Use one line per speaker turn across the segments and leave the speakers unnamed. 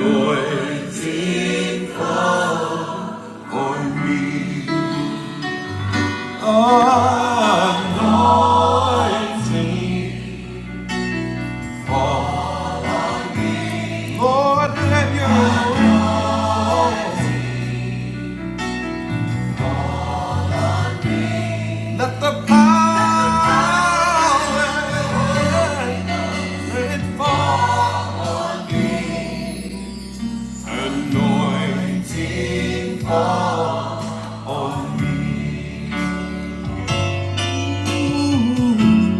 anointing on me. Anointing. Let the power it fall. Anointing fall on me.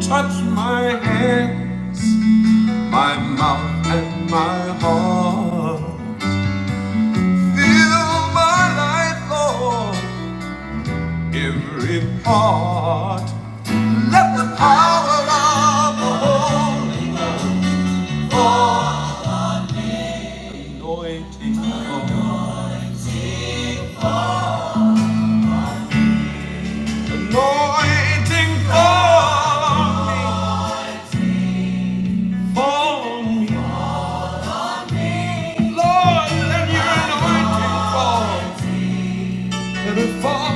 Touch my hand, my mouth, and my heart. Fill my life, Lord, every part. Let the power of the Holy Ghost Anointing for God. Anointing for me. me. Lord, let your anointing fall. Let it fall.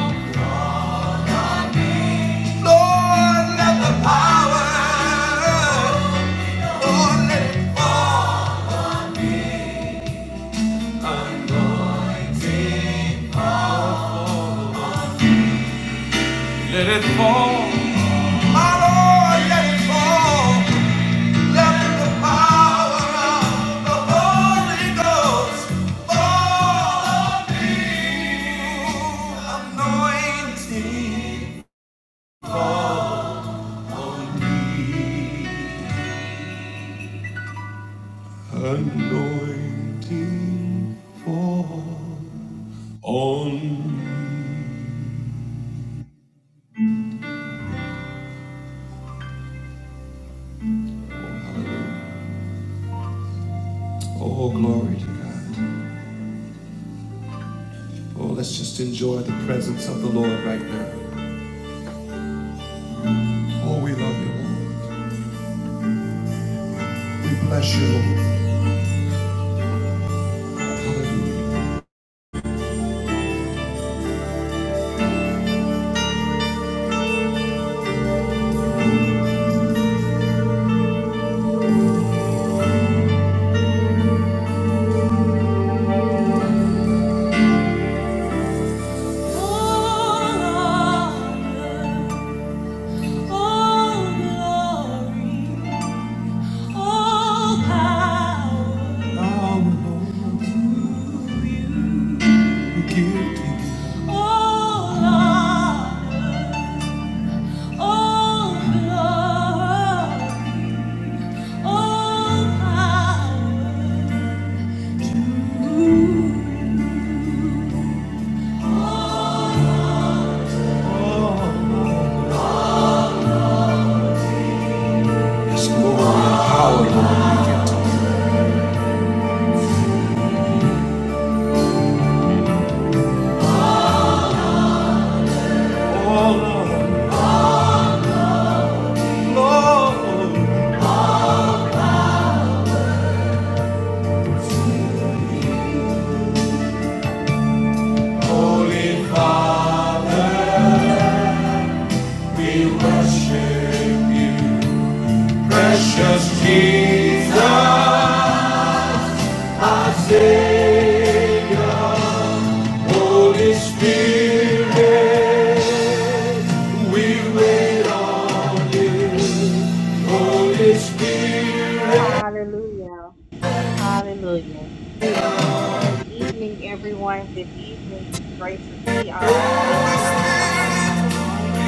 Lord, let the power. Lord, let it fall. Anointing. Let it fall. My Lord, let it fall. Anointing for on. Oh, glory to God. Oh, let's just enjoy the presence of the Lord right now. Oh, we love you, Lord. We bless you, Lord. Hallelujah. Holy Father, we worship you. Precious Jesus, I say, Holy Spirit, we wait on you. Holy Spirit,
Hallelujah. Hallelujah. Good evening, everyone. Good evening. It's great to see all the faces coming into the room.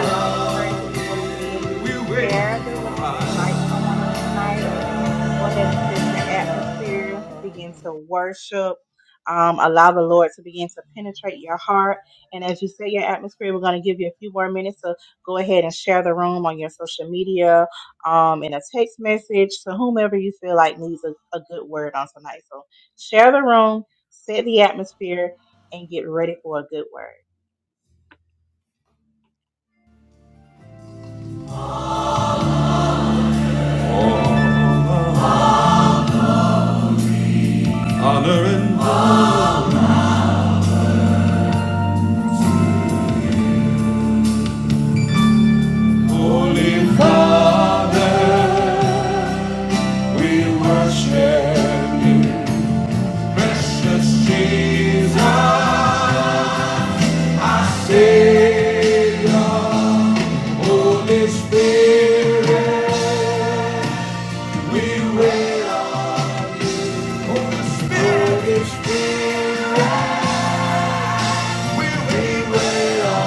I want to encourage you to go ahead and
we wait,
share the room, invite someone on tonight. Go ahead and set your atmosphere, begin to worship. Um, allow the Lord to begin to penetrate your heart. And as you set your atmosphere, we're going to give you a few more minutes to go ahead and share the room on your social media, um, in a text message to whomever you feel like needs a, a good word on tonight. So share the room, set the atmosphere, and get ready for a good word.
honoring our Holy Father, we worship you. Precious Jesus, our Savior. Holy Spirit, we wait on Holy Spirit. Holy Spirit, we wait on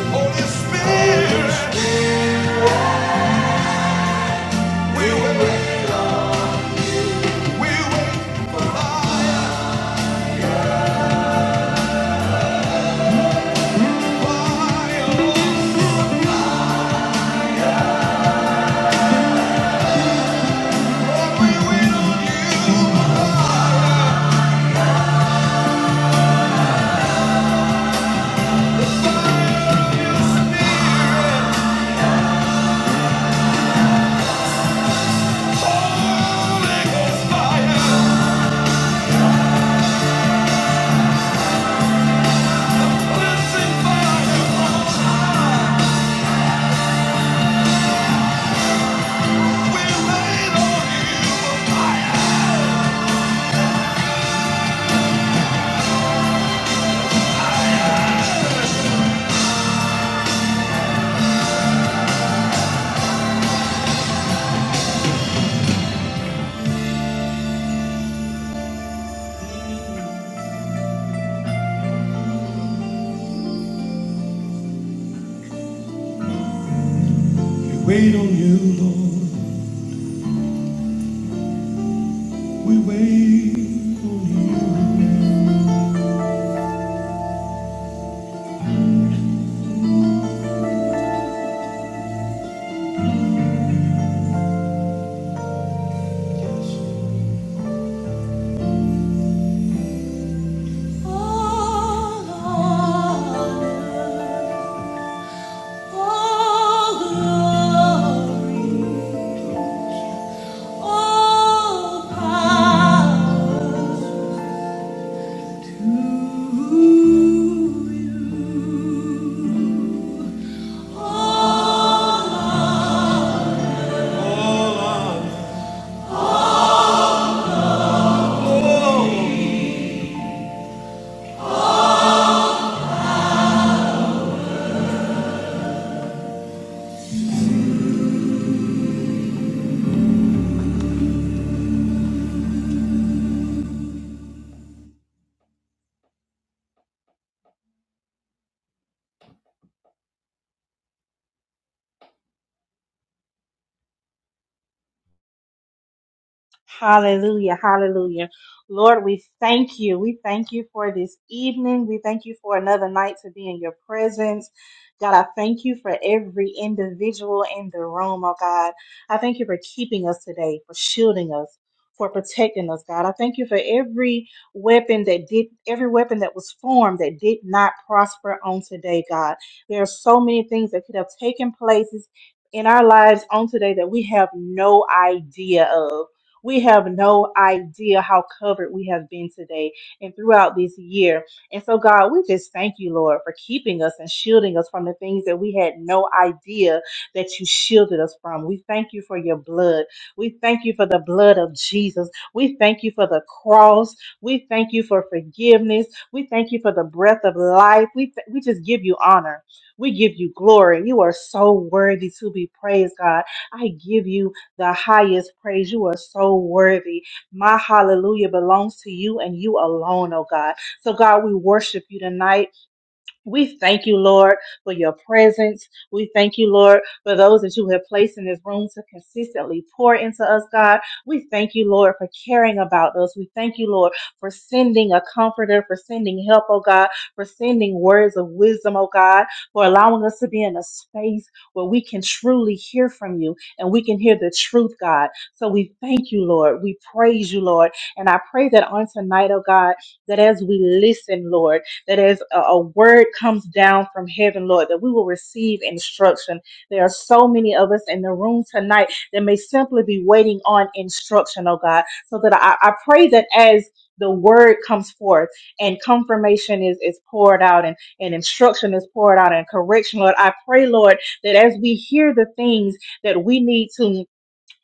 Holy Spirit. We wait on we wait for fire, fire. We wait on you, Holy Spirit. Holy Ghost fire, blessing fire. We wait on you. We wait on you, Lord. We wait on you. Oh
Hallelujah. Hallelujah. Lord, we thank you. We thank you for this evening. We thank you for another night to be in your presence. God, I thank you for every individual in the room, oh God. I thank you for keeping us today, for shielding us, for protecting us, God. I thank you for every weapon that did, every weapon that was formed that did not prosper on today, God. There are so many things that could have taken places in our lives on today that we have no idea of. We have no idea how covered we have been today and throughout this year. And so, God, we just thank you, Lord, for keeping us and shielding us from the things that we had no idea that you shielded us from. We thank you for your blood. We thank you for the blood of Jesus. We thank you for the cross. We thank you for forgiveness. We thank you for the breath of life. We, th- we just give you honor. We give you glory. You are so worthy to be praised, God. I give you the highest praise. You are so worthy. My hallelujah belongs to you and you alone, oh God. So, God, we worship you tonight. We thank you, Lord, for your presence. We thank you, Lord, for those that you have placed in this room to consistently pour into us, God. We thank you, Lord, for caring about us. We thank you, Lord, for sending a comforter, for sending help, oh God, for sending words of wisdom, oh God, for allowing us to be in a space where we can truly hear from you and we can hear the truth, God. So we thank you, Lord. We praise you, Lord. And I pray that on tonight, oh God, that as we listen, Lord, that as a, a word comes down from heaven, Lord, that we will receive instruction. There are so many of us in the room tonight that may simply be waiting on instruction, oh God. So that I, I pray that as the word comes forth and confirmation is, is poured out and, and instruction is poured out and correction, Lord. I pray, Lord, that as we hear the things that we need to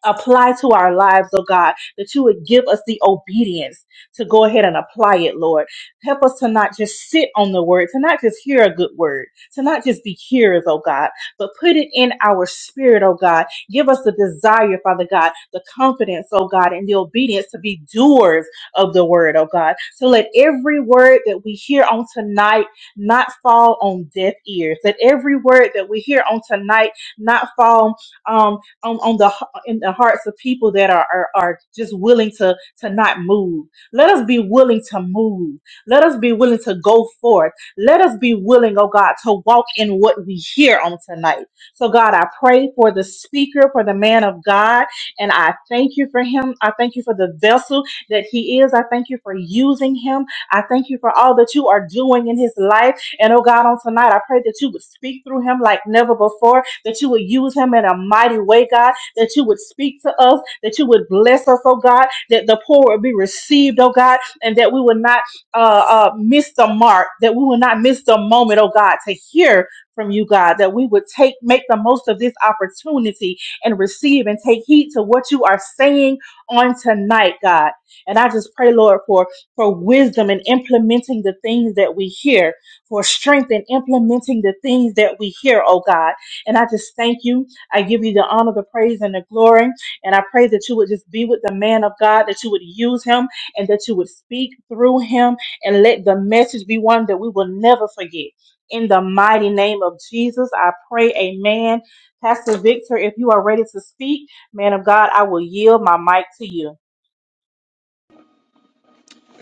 apply to our lives, oh God, that you would give us the obedience to go ahead and apply it, Lord. Help us to not just sit on the word, to not just hear a good word, to not just be hearers, oh God, but put it in our spirit, oh God. Give us the desire, Father God, the confidence, oh God, and the obedience to be doers of the word, oh God. So let every word that we hear on tonight not fall on deaf ears. Let every word that we hear on tonight not fall um on, on the in the hearts of people that are, are are just willing to to not move. Let us be willing to move. Let us be willing to go forth. Let us be willing, oh God, to walk in what we hear on tonight. So God, I pray for the speaker, for the man of God, and I thank you for him. I thank you for the vessel that he is. I thank you for using him. I thank you for all that you are doing in his life. And oh God, on tonight, I pray that you would speak through him like never before that you would use him in a mighty way, God, that you would speak to us, that you would bless us, oh God, that the poor would be received, oh God, and that we would not uh, uh, miss the mark, that we would not miss the moment, oh God, to hear from you, God, that we would take make the most of this opportunity and receive and take heed to what you are saying on tonight, God. And I just pray, Lord, for for wisdom in implementing the things that we hear, for strength in implementing the things that we hear, oh God and I just thank you. I give you the honor, the praise, and the glory. And I pray that you would just be with the man of God, that you would use him, and that you would speak through him, and let the message be one that we will never forget. In the mighty name of Jesus, I pray, Amen. Pastor Victor, if you are ready to speak, man of God, I will yield my mic to you.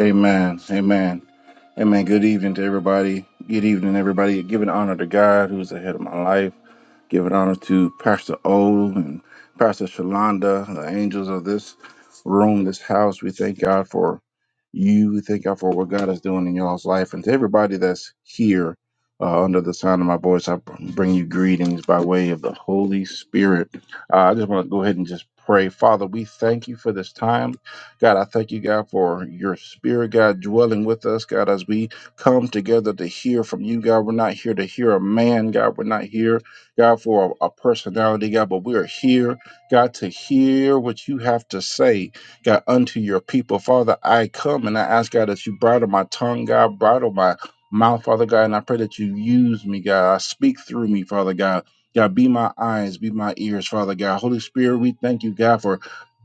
Amen. Amen. Amen. Good evening to everybody. Good evening, everybody. Giving honor to God who's ahead of my life. Giving honor to Pastor O and Pastor Shalonda, the angels of this room, this house. We thank God for you. We thank God for what God is doing in y'all's life. And to everybody that's here uh, under the sound of my voice, I bring you greetings by way of the Holy Spirit. Uh, I just want to go ahead and just pray. Father, we thank you for this time. God, I thank you, God, for your spirit, God, dwelling with us, God, as we come together to hear from you, God. We're not here to hear a man, God. We're not here God, for a, a personality, God, but we are here, God, to hear what you have to say, God, unto your people. Father, I come and I ask, God, that you bridle my tongue, God, bridle my mouth, Father God, and I pray that you use me, God. I speak through me, Father God. God, be my eyes, be my ears, Father God. Holy Spirit, we thank you, God, for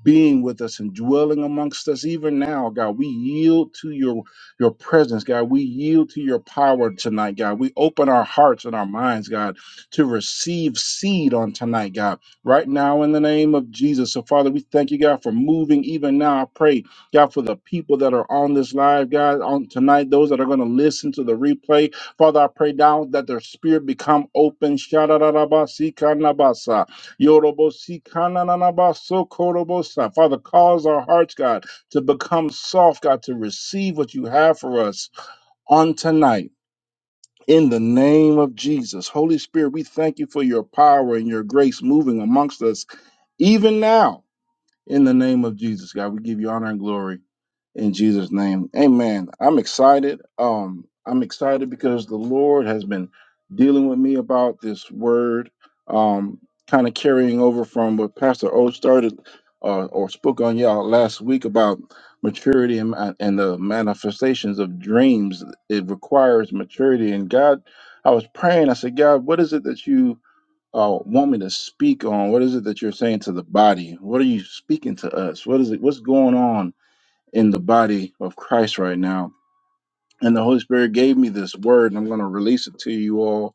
being with us and dwelling amongst us even now, God. We yield to your your presence, God. We yield to your power tonight, God. We open our hearts and our minds, God to receive seed on tonight, God. Right now, in the name of Jesus. So, Father, we thank you, God, for moving even now. I pray, God, for the people that are on this live, God, on tonight, those that are going to listen to the replay. Father, I pray now that their spirit become open. Sha-da-da-da-ba-si-ka-na-ba-sa. Yorobo-si-ka-na-na-na-ba-so-korobo-sa. Father, cause our hearts, God, to become soft, God, to receive what you have for us on tonight. In the name of Jesus, Holy Spirit, we thank you for your power and your grace moving amongst us even now. In the name of Jesus, God, we give you honor and glory in Jesus' name. Amen. I'm excited. Um, I'm excited because the Lord has been dealing with me about this word, um, kind of carrying over from what Pastor O started uh, or spoke on y'all last week about maturity and, ma- and the manifestations of dreams. It requires maturity. And God, I was praying, I said, God, what is it that you uh, want me to speak on? What is it that you're saying to the body? What are you speaking to us? What is it? What's going on? in the body of Christ right now. And the Holy Spirit gave me this word, and I'm going to release it to you all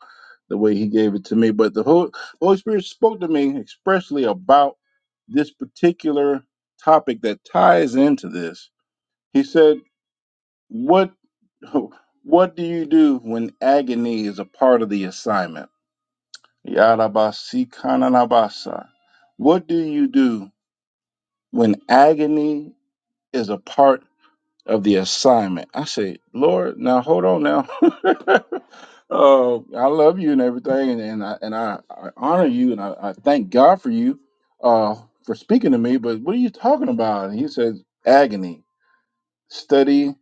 the way He gave it to me. But the Hol- Holy Spirit spoke to me expressly about this particular topic that ties into this. He said, "What, what do you do when agony is a part of the assignment?" Yarabasikananabasa. What do you do when agony is a part of the assignment. I say, Lord, now hold on now. uh, I love you and everything, and, and I and I, I honor you, and I, I thank God for you uh, for speaking to me. But what are you talking about? And he says, agony. Study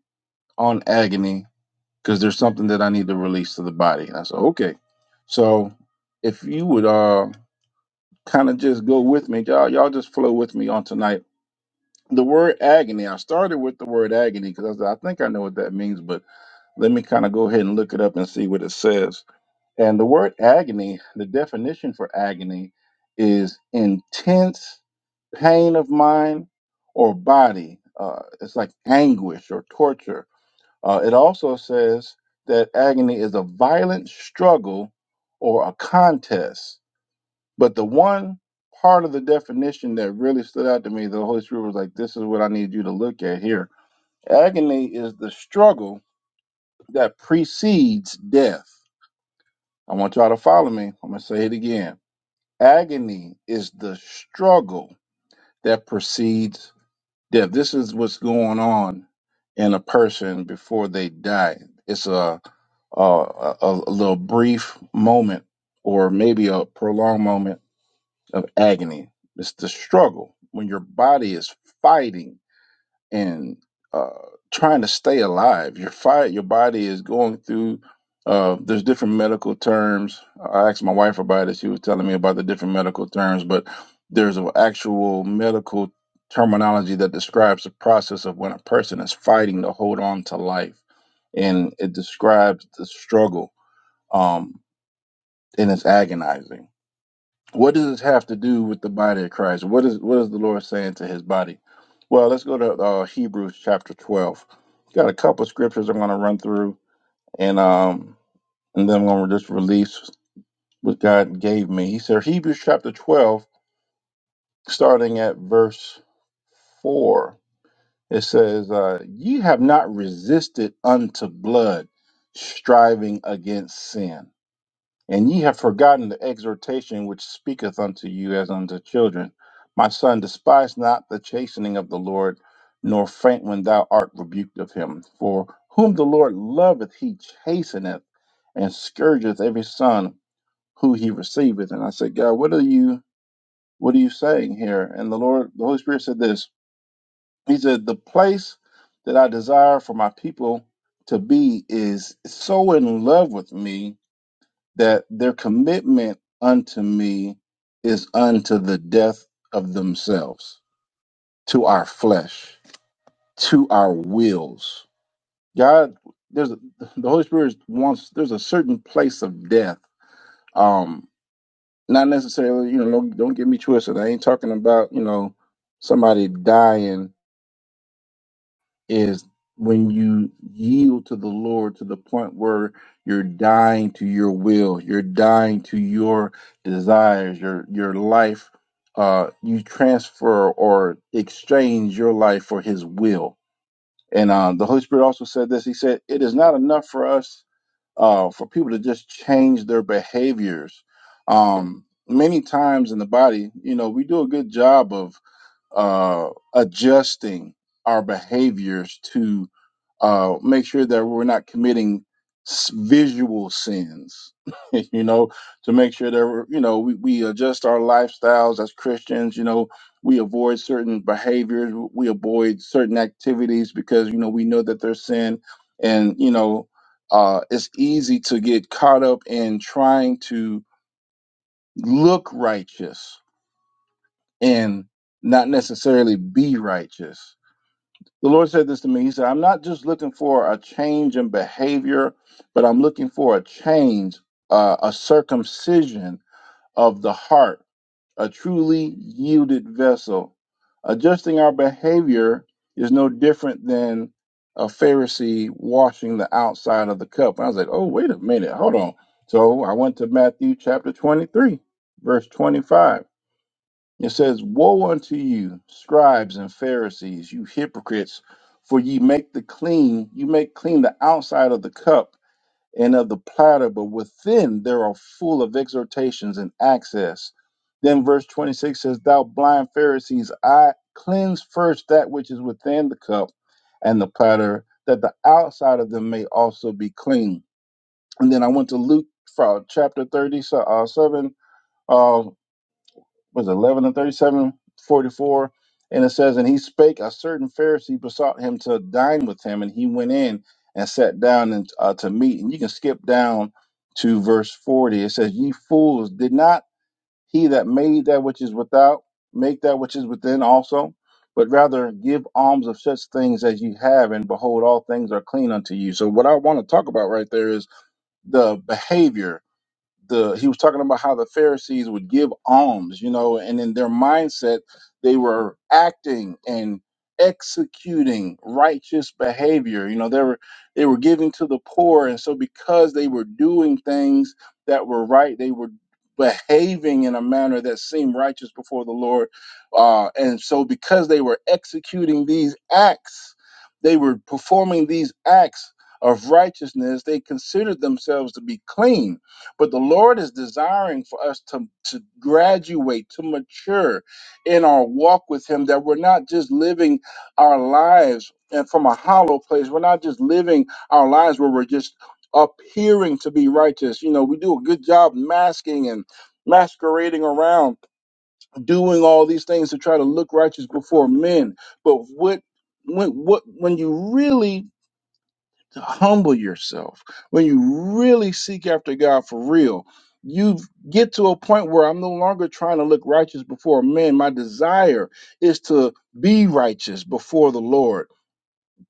on agony because there's something that I need to release to the body. And I said, okay. So if you would uh, kind of just go with me, y'all, y'all just flow with me on tonight. The word agony. I started with the word agony because I, said, I think I know what that means, but let me kind of go ahead and look it up and see what it says. And the word agony, the definition for agony is intense pain of mind or body. Uh, it's like anguish or torture. Uh, it also says that agony is a violent struggle or a contest. But the one part of the definition that really stood out to me, the Holy Spirit was like, this is what I need you to look at here. Agony is the struggle that precedes death. I want y'all to follow me. I'm going to say it again. Agony is the struggle that precedes death. This is what's going on in a person before they die. It's a a, a, a little brief moment or maybe a prolonged moment of agony. It's the struggle when your body is fighting and uh, trying to stay alive. Your fire, your body is going through. Uh, there's different medical terms. I asked my wife about it. She was telling me about the different medical terms, but there's an actual medical terminology that describes the process of when a person is fighting to hold on to life, and it describes the struggle, um, and it's agonizing what does this have to do with the body of Christ? What is what is the Lord saying to his body? Well, let's go to uh, Hebrews chapter 12. Got a couple scriptures I'm going to run through and um and then I'm going to just release what God gave me. He said Hebrews chapter 12 starting at verse 4. It says, uh, "Ye have not resisted unto blood, striving against sin." And ye have forgotten the exhortation which speaketh unto you as unto children. My son, despise not the chastening of the Lord, nor faint when thou art rebuked of him. For whom the Lord loveth, he chasteneth and scourgeth every son who he receiveth. And I said, God, what are you what are you saying here? And the Lord, the Holy Spirit said this. He said, The place that I desire for my people to be is so in love with me that their commitment unto me is unto the death of themselves, to our flesh, to our wills. God, there's a, the Holy Spirit wants. There's a certain place of death. Um, not necessarily, you know. Don't, don't get me twisted. I ain't talking about you know somebody dying is when you yield to the Lord to the point where you're dying to your will, you're dying to your desires, your your life. Uh, you transfer or exchange your life for His will. And um, the Holy Spirit also said this. He said, "It is not enough for us uh, for people to just change their behaviors." Um, many times in the body, you know, we do a good job of uh, adjusting our behaviors to uh, make sure that we're not committing s- visual sins, you know, to make sure that we're, you know, we, we adjust our lifestyles as Christians, you know, we avoid certain behaviors, we avoid certain activities because, you know, we know that they're sin. And, you know, uh, it's easy to get caught up in trying to look righteous and not necessarily be righteous the Lord said this to me. He said, I'm not just looking for a change in behavior, but I'm looking for a change, uh, a circumcision of the heart, a truly yielded vessel. Adjusting our behavior is no different than a Pharisee washing the outside of the cup. I was like, oh, wait a minute, hold on. So I went to Matthew chapter 23, verse 25. It says, Woe unto you, scribes and Pharisees, you hypocrites, for ye make the clean, you make clean the outside of the cup and of the platter, but within there are full of exhortations and access. Then verse 26 says, Thou blind Pharisees, I cleanse first that which is within the cup and the platter, that the outside of them may also be clean. And then I went to Luke uh, chapter 37, was it, 11 and 37, 44, And it says, And he spake, a certain Pharisee besought him to dine with him, and he went in and sat down and, uh, to meat. And you can skip down to verse 40. It says, Ye fools, did not he that made that which is without make that which is within also? But rather give alms of such things as you have, and behold, all things are clean unto you. So, what I want to talk about right there is the behavior the he was talking about how the Pharisees would give alms, you know, and in their mindset they were acting and executing righteous behavior. You know, they were they were giving to the poor, and so because they were doing things that were right, they were behaving in a manner that seemed righteous before the Lord. Uh, and so because they were executing these acts, they were performing these acts of righteousness, they considered themselves to be clean but the Lord is desiring for us to, to graduate, to mature in our walk with Him, that we're not just living our lives and from a hollow place. We're not just living our lives where we're just appearing to be righteous. You know, we do a good job masking and masquerading around, doing all these things to try to look righteous before men. But what when what when you really to humble yourself, when you really seek after God for real, you get to a point where I'm no longer trying to look righteous before men. My desire is to be righteous before the Lord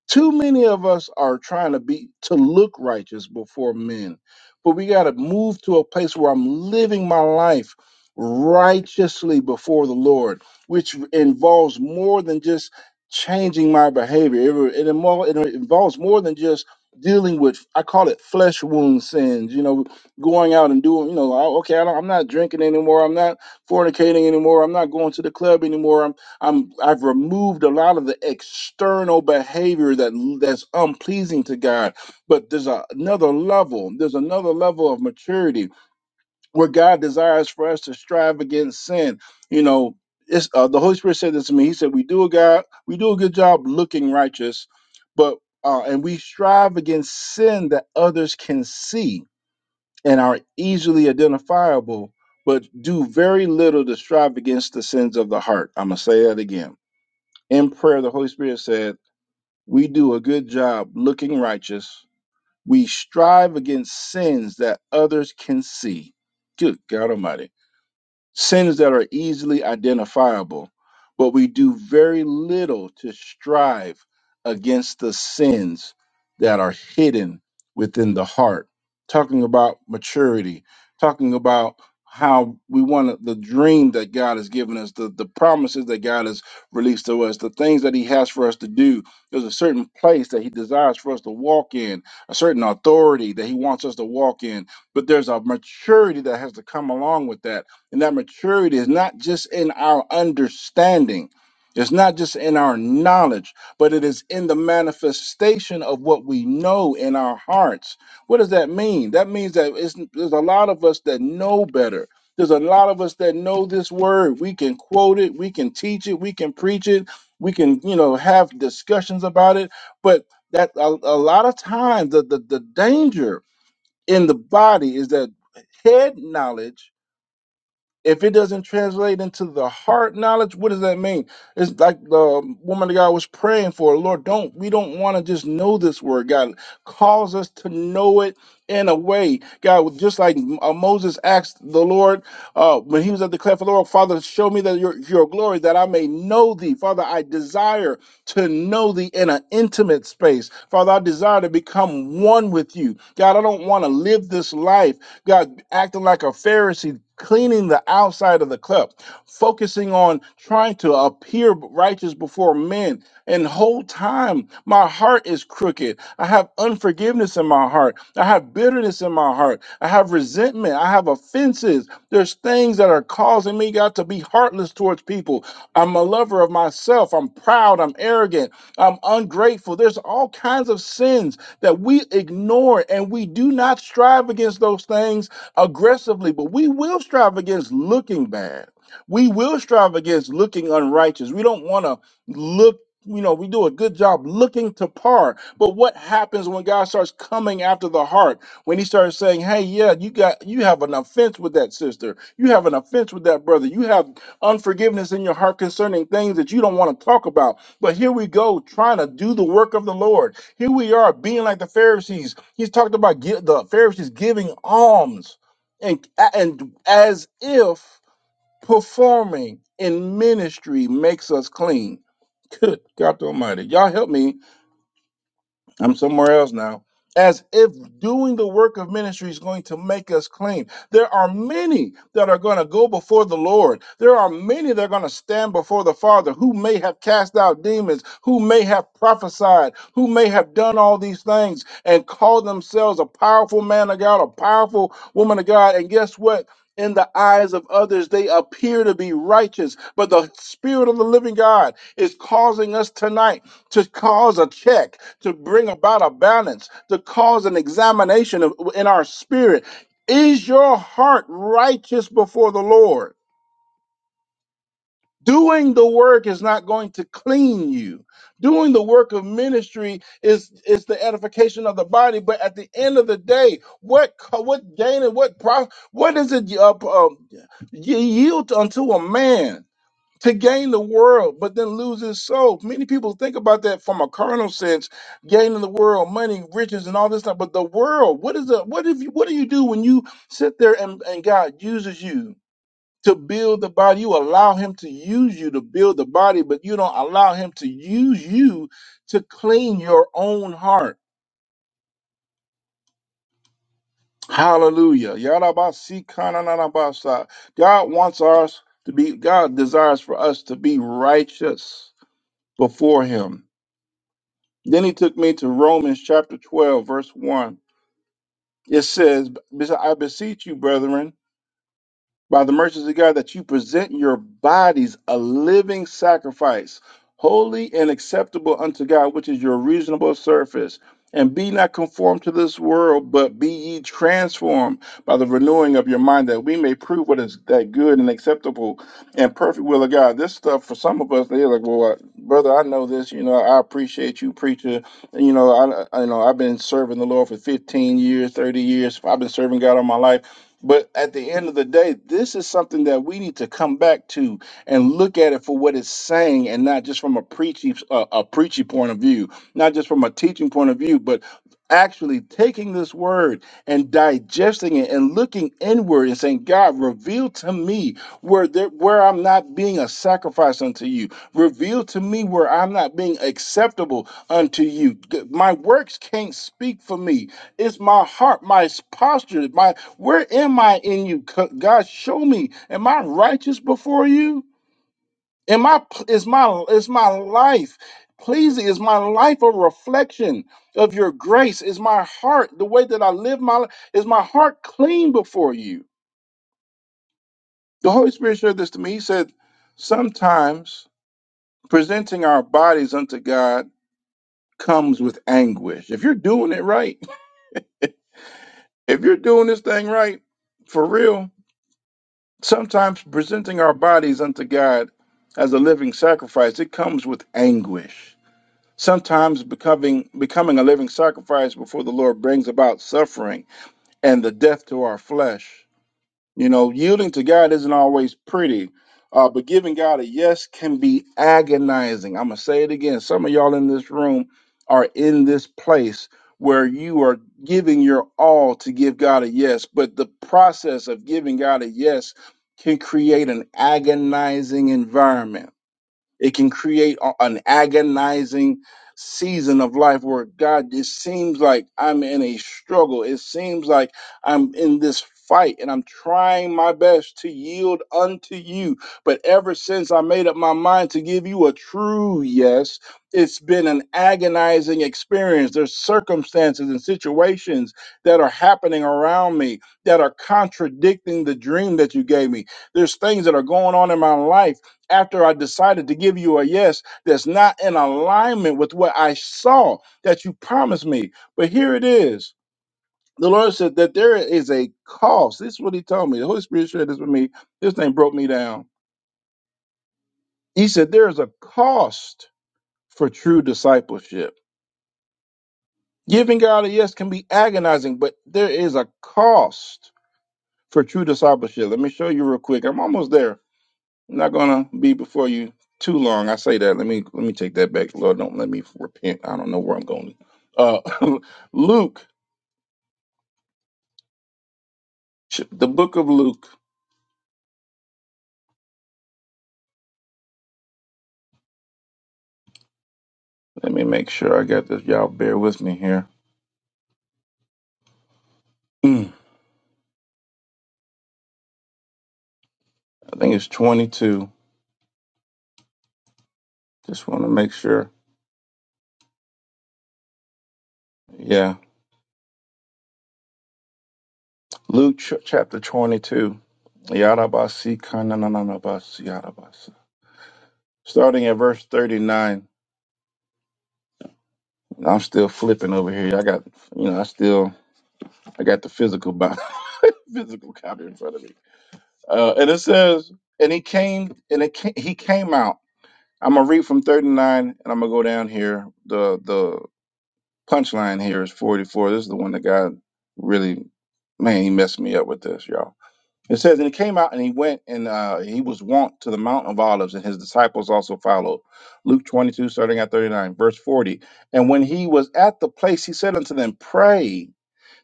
too many of us are trying to be to look righteous before men but we got to move to a place where i'm living my life righteously before the lord which involves more than just changing my behavior it, it, invo- it involves more than just dealing with i call it flesh wound sins you know going out and doing you know oh, okay I don't, i'm not drinking anymore i'm not fornicating anymore i'm not going to the club anymore I'm I've removed a lot of the external behavior that that's unpleasing to God. But there's a, another level. There's another level of maturity where God desires for us to strive against sin. You know, it's, uh, the Holy Spirit said this to me. He said, "We do a God, we do a good job looking righteous, but uh, and we strive against sin that others can see and are easily identifiable." But do very little to strive against the sins of the heart. I'm gonna say that again in prayer, the Holy Spirit said, We do a good job looking righteous. We strive against sins that others can see. Good God Almighty sins that are easily identifiable, but we do very little to strive against the sins that are hidden within the heart. Talking about maturity, talking about how we want the dream that God has given us, the, the promises that God has released to us, the things that He has for us to do. There's a certain place that He desires for us to walk in, a certain authority that He wants us to walk in, but there's a maturity that has to come along with that and that maturity is not just in our understanding, it's not just in our knowledge, but it is in the manifestation of what we know in our hearts. What does that mean? That means that it's, there's a lot of us that know better. There's a lot of us that know this word. We can quote it, we can teach it, we can preach it, we can, you know, have discussions about it. But that a, a lot of times the, the the danger in the body is that head knowledge if it doesn't translate into the heart knowledge, what does that mean? It's like the woman that God was praying for. Lord, don't we don't want to just know this word, God. Calls us to know it in a way, God. Just like uh, Moses asked the Lord uh, when he was at the cleft of the Lord, Father, show me that your your glory, that I may know Thee, Father. I desire to know Thee in an intimate space, Father. I desire to become one with You, God. I don't want to live this life. God, acting like a Pharisee, cleaning the outside of the cup, focusing on trying to appear righteous before men. And whole time, my heart is crooked. I have unforgiveness in my heart. I have bitterness in my heart. I have resentment. I have offenses. There's things that are causing me, God, to be heartless towards people. I'm a lover of myself. I'm proud. I'm arrogant. I'm ungrateful. There's all kinds of sins that we ignore and we do not strive against those things aggressively, but we will strive against looking bad. We will strive against looking unrighteous. We don't want to look, you know, we do a good job looking to par. But what happens when God starts coming after the heart? When he starts saying, "Hey, yeah, you got you have an offense with that sister. You have an offense with that brother. You have unforgiveness in your heart concerning things that you don't want to talk about." But here we go trying to do the work of the Lord here we are being like the Pharisees. He's talked about gi- the Pharisees giving alms and, and as if performing in ministry makes us clean. Good God Almighty. Y'all help me I'm somewhere else now. As if doing the work of ministry is going to make us clean. There are many that are going to go before the Lord. There are many that are going to stand before the Father who may have cast out demons, who may have prophesied, who may have done all these things and call themselves a powerful man of God, a powerful woman of God. And guess what? In the eyes of others, they appear to be righteous, but the Spirit of the living God is causing us tonight to cause a check to bring about a balance, to cause an examination of, in our spirit. Is your heart righteous before the Lord? Doing the work is not going to clean you. Doing the work of ministry is, is the edification of the body. But at the end of the day, what co- what gain and what profit? What is it uh, uh, you yield unto a man? to gain the world, but then lose his soul. Many people think about that from a carnal sense, gaining the world, money, riches, and all this stuff. But the world, what is the what if you what do you do when you sit there and, and God uses you to build the body? You allow him to use you to build the body, but you don't allow him to use you to clean your own heart. Hallelujah. Yarabasikana. God wants us to be, God desires for us to be righteous before him. Then he took me to Romans chapter 12, verse 1. It says, I beseech you, brethren, by the mercies of God that you present your bodies a living sacrifice, holy and acceptable unto God, which is your reasonable service. And be not conformed to this world, but be ye transformed by the renewing of your mind, that we may prove what is that good and acceptable and perfect will of God. This stuff for some of us, they're like, "Well, I- brother, I know this. You know, I appreciate you, preacher. You know, I, I you know I've been serving the Lord for 15 years, 30 years. I've been serving God all my life." But at the end of the day, this is something that we need to come back to and look at it for what it's saying, and not just from a preachy uh, a preachy point of view, not just from a teaching point of view, but actually taking this word and digesting it and looking inward and saying, God, reveal to me where there, where I'm not being a sacrifice unto you. Reveal to me where I'm not being acceptable unto you. G- My works can't speak for me it's my heart, my posture, my where am I in you? Co- God, show me. Am I righteous before you? Am I is my is my life pleasing? Is my life a reflection of your grace? Is my heart the way that I live my life? Is my heart clean before you? The Holy Spirit showed this to me. He said, sometimes presenting our bodies unto God comes with anguish. If you're doing it right, if you're doing this thing right, for real, Sometimes presenting our bodies unto God as a living sacrifice, it comes with anguish. Sometimes becoming becoming a living sacrifice before the Lord brings about suffering and the death to our flesh. You know, yielding to God isn't always pretty, uh, but giving God a yes can be agonizing. I'm going to say it again. Some of y'all in this room are in this place where you are giving your all to give God a yes, but the process of giving God a yes can create an agonizing environment it can create a- an agonizing season of life where God, it seems like I'm in a struggle. It seems like I'm in this fight and I'm trying my best to yield unto you. But ever since I made up my mind to give you a true yes, it's been an agonizing experience. There's circumstances and situations that are happening around me that are contradicting the dream that you gave me. There's things that are going on in my life after I decided to give you a yes that's not in alignment with what I saw that you promised me. But here it is. The Lord said that there is a cost. This is what He told me. The Holy Spirit shared this with me. This thing broke me down. He said, There is a cost for true discipleship. Giving God a yes can be agonizing, but there is a cost for true discipleship. Let me show you real quick. I'm almost there. I'm not gonna be before you too long. I say that. Let me let me take that back. Lord, don't let me repent. I don't know where I'm going. Uh, Luke, ch- the book of Luke. Let me make sure I got this. Y'all bear with me here. Mm, I think it's 22. Just want to make sure. Yeah, Luke ch- chapter 22. Yadabasi kanananabasi yadabasi. Starting at verse 39. I'm still flipping over here. I got, you know, I still, I got the physical Bible, physical copy in front of me. Uh, and it says, and he came, and it came, he came out. I'm gonna read from 39, and I'm gonna go down here. The the punchline here is 44. This is the one that God really, man, he messed me up with this, y'all. It says, and he came out, and he went, and uh, he was wont to the Mount of Olives, and his disciples also followed. Luke 22, starting at 39, verse 40. And when he was at the place, he said unto them, Pray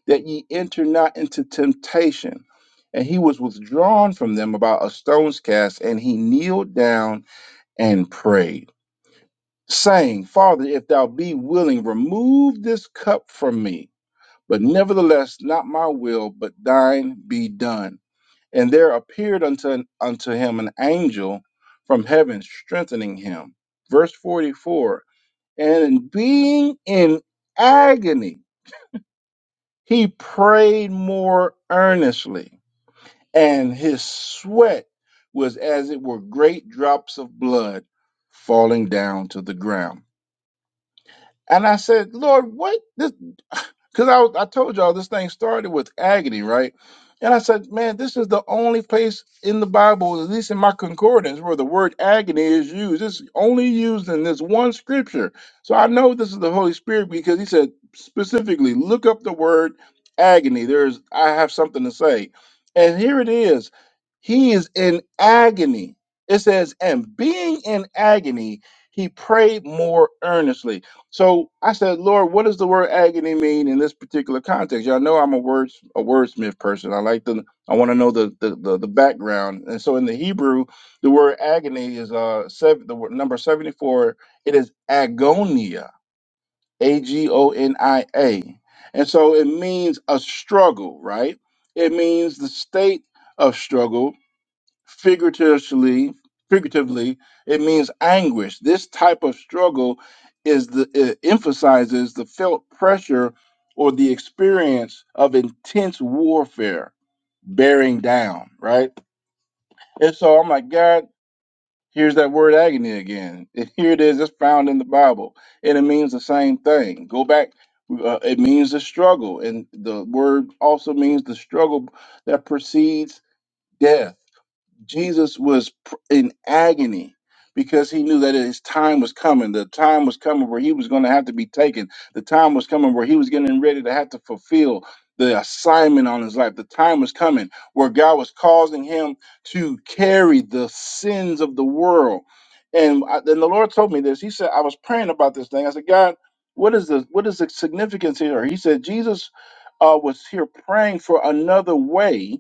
that ye enter not into temptation. And he was withdrawn from them about a stone's cast, and he kneeled down and prayed, saying, Father, if thou be willing, remove this cup from me. But nevertheless, not my will, but thine be done. And there appeared unto, unto him an angel from heaven, strengthening him. Verse 44 And being in agony, he prayed more earnestly and his sweat was as it were great drops of blood falling down to the ground. And I said, Lord, what? this? because I, was- I told y'all this thing started with agony, right? And I said, man, this is the only place in the Bible, at least in my concordance, where the word agony is used. It's only used in this one scripture. So I know this is the Holy Spirit because he said specifically, look up the word agony. There's, I have something to say. And here it is. He is in agony. It says, and being in agony, he prayed more earnestly so I said, Lord, what does the word agony mean in this particular context? Y'all know I'm a words a wordsmith person. I like the I want to know the, the the the background. And so in the Hebrew, the word agony is uh seven the word, number seventy four. It is agonia, a g o n i a, and so it means a struggle, right? It means the state of struggle figuratively figuratively it means anguish this type of struggle is the it emphasizes the felt pressure or the experience of intense warfare bearing down right and so i'm like god here's that word agony again and here it is it's found in the bible and it means the same thing go back uh, it means the struggle and the word also means the struggle that precedes death Jesus was pr- in agony because he knew that his time was coming. The time was coming where he was going to have to be taken. The time was coming where he was getting ready to have to fulfill the assignment on his life. The time was coming where God was causing him to carry the sins of the world. And I, then the Lord told me this. He said, I was praying about this thing. I said, God, what is the what is the significance here? He said, Jesus uh, was here praying for another way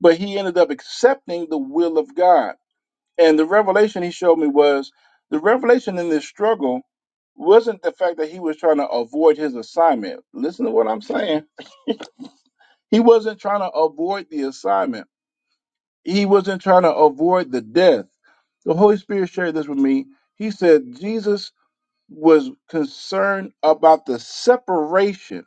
but he ended up accepting the will of God. And the revelation he showed me was the revelation in this struggle wasn't the fact that he was trying to avoid his assignment. Listen to what I'm saying. He wasn't trying to avoid the assignment. He wasn't trying to avoid the death. The Holy Spirit shared this with me. He said Jesus was concerned about the separation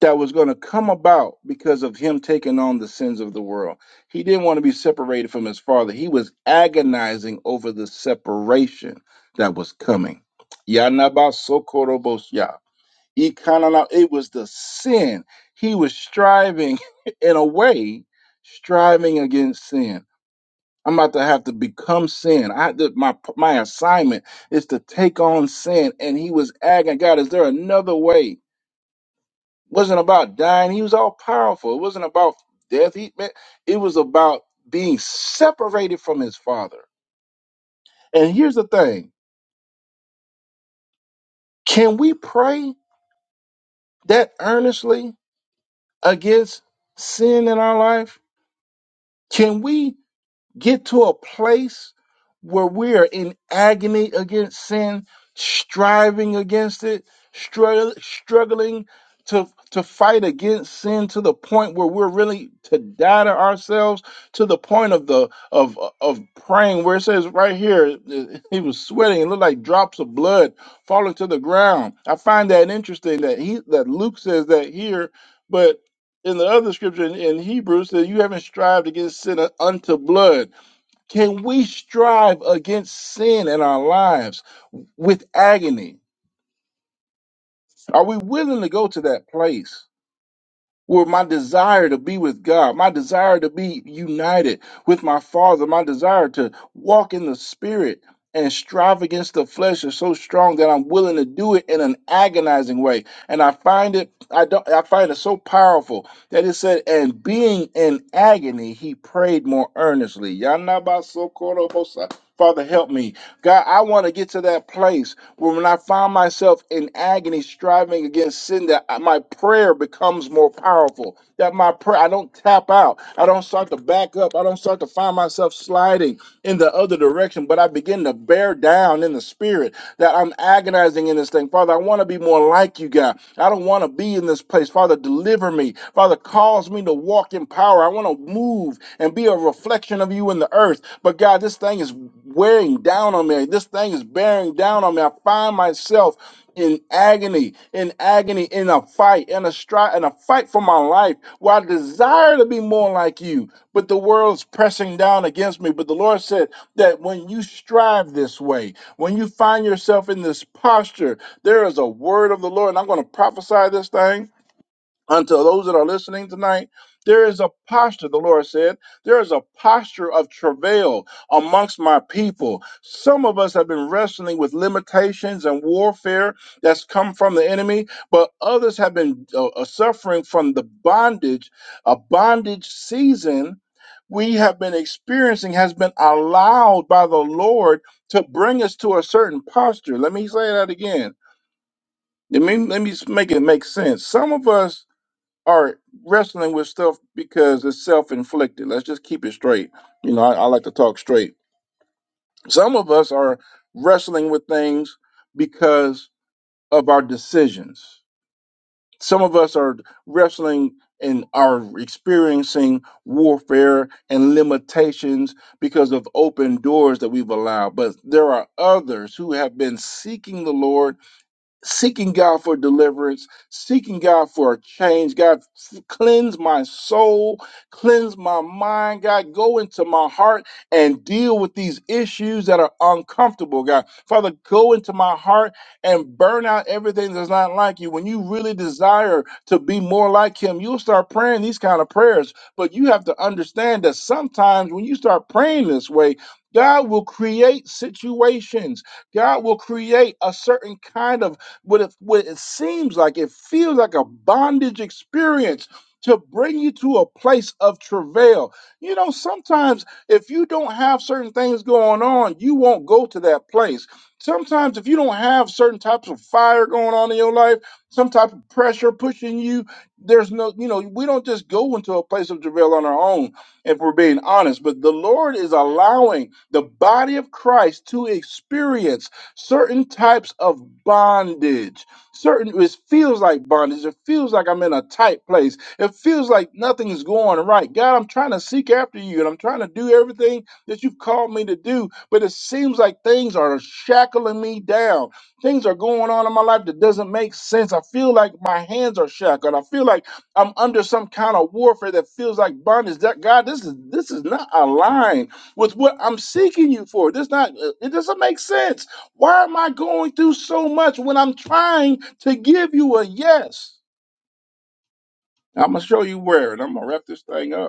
that was going to come about because of him taking on the sins of the world. He didn't want to be separated from his father. He was agonizing over the separation that was coming. Yanabasokoroboshya. Ikanana- It was the sin. He was striving, in a way, striving against sin. I'm about to have to become sin. I did my my assignment is to take on sin, and he was agonizing. God, is there another way? wasn't about dying. He was all powerful. It wasn't about death. He man, it was about being separated from his father. And here's the thing: can we pray that earnestly against sin in our life? Can we get to a place where we are in agony against sin, striving against it, struggle, struggling to to fight against sin to the point where we're really to die to ourselves to the point of the of of praying where it says right here uh, he was sweating it looked like drops of blood falling to the ground i find that interesting that he that luke says that here but in the other scripture in, in hebrews that you haven't strived against sin unto blood can we strive against sin in our lives with agony? Are we willing to go to that place? where my desire to be with God, my desire to be united with my Father, my desire to walk in the Spirit and strive against the flesh is so strong that I'm willing to do it in an agonizing way. And I find it, I don't, I find it so powerful that it said, and being in agony, he prayed more earnestly. Yanabasokorobosa. Father, help me. God, I want to get to that place when I find myself in agony, striving against sin, that my prayer becomes more powerful. That my prayer, I don't tap out. I don't start to back up. I don't start to find myself sliding in the other direction, but I begin to bear down in the spirit that I'm agonizing in this thing. Father, I want to be more like you, God. I don't want to be in this place. Father, deliver me. Father, cause me to walk in power. I want to move and be a reflection of you in the earth. But God, this thing is wearing down on me. This thing is bearing down on me. I find myself in agony, in agony, in a fight, in a strife, in a fight for my life, where I desire to be more like you, but the world's pressing down against me. But the Lord said that when you strive this way, when you find yourself in this posture, there is a word of the Lord. And I'm going to prophesy this thing unto those that are listening tonight, there is a posture, the Lord said, there is a posture of travail amongst my people. Some of us have been wrestling with limitations and warfare that's come from the enemy, but others have been uh, uh, suffering from the bondage, a bondage season we have been experiencing has been allowed by the Lord to bring us to a certain posture. Let me say that again. Let me, let me make it make sense. Some of us are wrestling with stuff because it's self-inflicted. Let's just keep it straight. You know, I, I like to talk straight. Some of us are wrestling with things because of our decisions. Some of us are wrestling and are experiencing warfare and limitations because of open doors that we've allowed. But there are others who have been seeking the Lord seeking God for deliverance, seeking God for a change. God, f- cleanse my soul, cleanse my mind. God, go into my heart and deal with these issues that are uncomfortable. God, Father, go into my heart and burn out everything that's not like you. When you really desire to be more like Him, you'll start praying these kind of prayers. But you have to understand that sometimes when you start praying this way, God will create situations. God will create a certain kind of what it, what it seems like it feels like a bondage experience to bring you to a place of travail. You know, sometimes if you don't have certain things going on, you won't go to that place. Sometimes if you don't have certain types of fire going on in your life, some type of pressure pushing you, there's no, you know, we don't just go into a place of travail on our own if we're being honest. But the Lord is allowing the body of Christ to experience certain types of bondage certain it feels like bondage it feels like i'm in a tight place it feels like nothing's going right god i'm trying to seek after you and i'm trying to do everything that you've called me to do but it seems like things are shackling me down things are going on in my life that doesn't make sense i feel like my hands are shackled i feel like i'm under some kind of warfare that feels like bondage that god this is this is not aligned with what i'm seeking you for this not it doesn't make sense why am I going through so much when I'm trying to give you a yes? I'm going to show you where, and I'm going to wrap this thing up.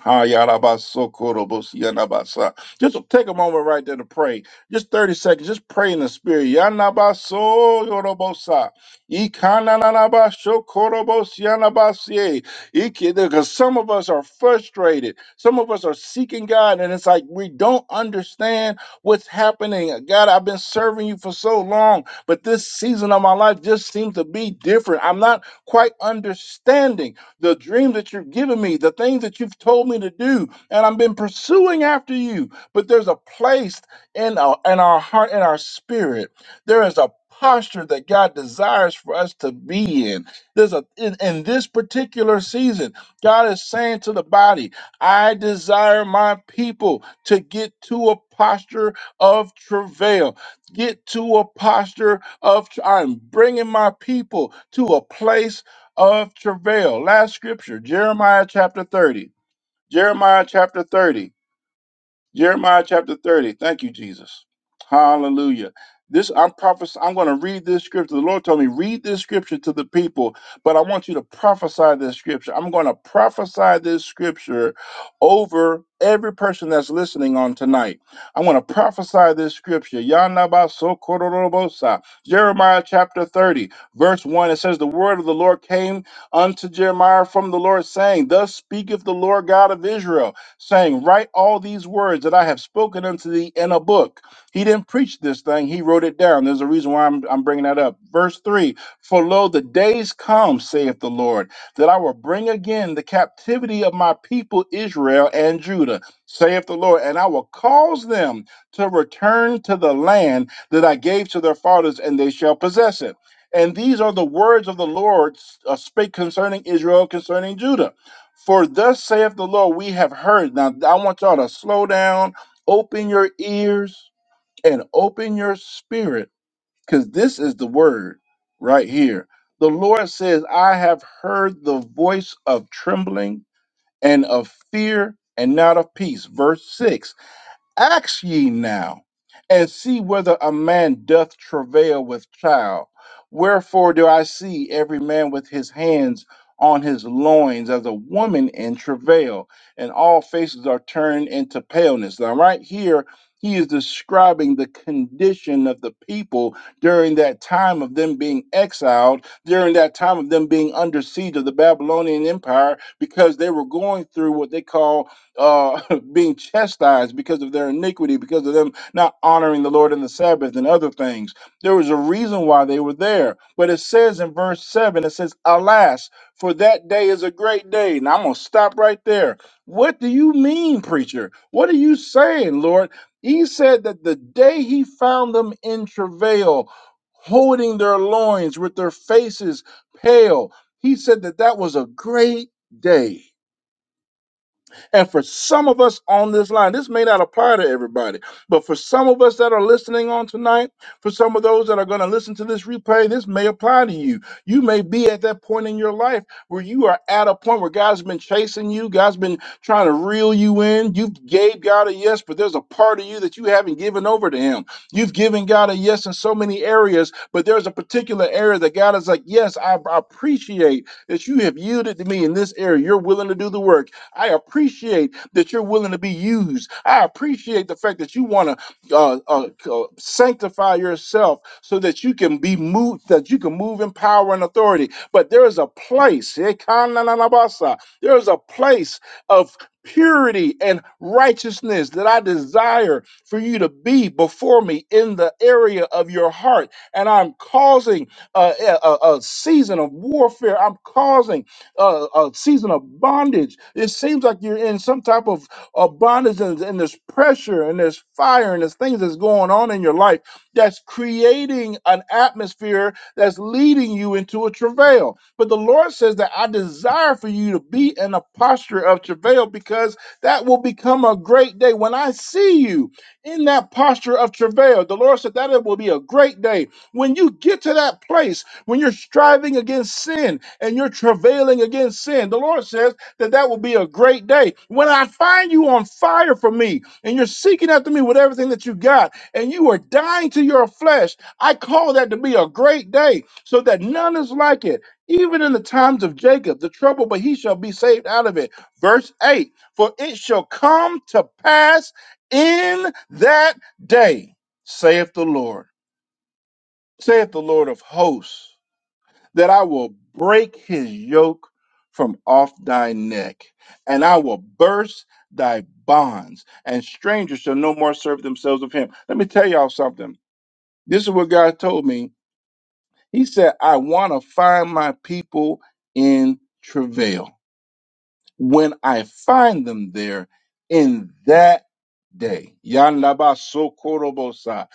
Ha yarabasokorobosi yanabasa. Just take a moment right there to pray. Just 30 seconds. Just pray in the spirit. Yanabaso yorobosa. Ikananabasho korobos yanabasie. Iki- Because some of us are frustrated. Some of us are seeking God, and it's like we don't understand what's happening. God, I've been serving you for so long, but this season of my life just seems to be different. I'm not quite understanding the dream that you've given me, the things that you've told me to do, and I've been pursuing after you. But there's a place in our, in our heart in our spirit. There is a posture that God desires for us to be in. There's a in, in this particular season, God is saying to the body, I desire my people to get to a posture of travail. Get to a posture of I'm bringing my people to a place of travail. Last scripture, Jeremiah chapter 30. Jeremiah chapter 30. Jeremiah chapter 30. Thank you, Jesus. Hallelujah. This I'm prophesying. I'm going to read this scripture. The Lord told me, read this scripture to the people, but I want you to prophesy this scripture. I'm going to prophesy this scripture over every person that's listening on tonight. I'm going to prophesy this scripture. Yanabasokororobosa. Jeremiah chapter 30, verse 1. It says, The word of the Lord came unto Jeremiah from the Lord, saying, Thus speaketh the Lord God of Israel saying, Write all these words that I have spoken unto thee in a book. He didn't preach this thing, he wrote it down. There's a reason why I'm, I'm bringing that up. Verse 3 For lo, the days come, saith the Lord, that I will bring again the captivity of my people Israel and Judah, saith the Lord, and I will cause them to return to the land that I gave to their fathers, and they shall possess it. And these are the words of the Lord uh, spake concerning Israel, concerning Judah. For thus saith the Lord, we have heard. Now, I want y'all to slow down, open your ears, and open your spirit, because this is the word right here. The Lord says, I have heard the voice of trembling and of fear and not of peace. Verse 6 Ask ye now, and see whether a man doth travail with child. Wherefore do I see every man with his hands on his loins as a woman in travail, and all faces are turned into paleness. Now, right here, he is describing the condition of the people during that time of them being exiled, during that time of them being under siege of the Babylonian Empire, because they were going through what they call uh, being chastised because of their iniquity, because of them not honoring the Lord in the Sabbath and other things. There was a reason why they were there. But it says in verse 7, it says, Alas, for that day is a great day. And I'm going to stop right there. What do you mean, preacher? What are you saying, Lord? He said that the day he found them in travail, holding their loins with their faces pale, he said that that was a great day. And for some of us on this line, this may not apply to everybody, but for some of us that are listening on tonight, for some of those that are going to listen to this replay, this may apply to you. You may be at that point in your life where you are at a point where God's been chasing you, God's been trying to reel you in. You've gave God a yes, but there's a part of you that you haven't given over to Him. You've given God a yes in so many areas, but there's a particular area that God is like, Yes, I I appreciate that you have yielded to me in this area. You're willing to do the work I appreciate that you're willing to be used. I appreciate the fact that you want to uh, uh, uh, sanctify yourself so that you can be moved, that you can move in power and authority. But there is a place, eh, kananabasa, there is a place of purity and righteousness that I desire for you to be before me in the area of your heart. And I'm causing a, a, a a season of warfare. I'm causing uh, a season of bondage. It seems like you're in some type of, of bondage and, and there's pressure and there's fire and there's things that's going on in your life that's creating an atmosphere that's leading you into a travail. But the Lord says that I desire for you to be in a posture of travail because that will become a great day. When I see you in that posture of travail, the Lord said that it will be a great day. When you get to that place, when you're striving against sin and you're travailing against sin, the Lord says that that will be a great day. When I find you on fire for me and you're seeking after me with everything that you got and you are dying to your flesh, I call that to be a great day so that none is like it. Even in the times of Jacob, the trouble, but he shall be saved out of it. Verse 8 For it shall come to pass in that day, saith the Lord, saith the Lord of hosts that I will break his yoke from off thy neck, and I will burst thy bonds, and strangers shall no more serve themselves of him. Let me tell y'all something. This is what God told me. He said, I want to find my people in travail when I find them there in that day. Yanlaba sokorobosa.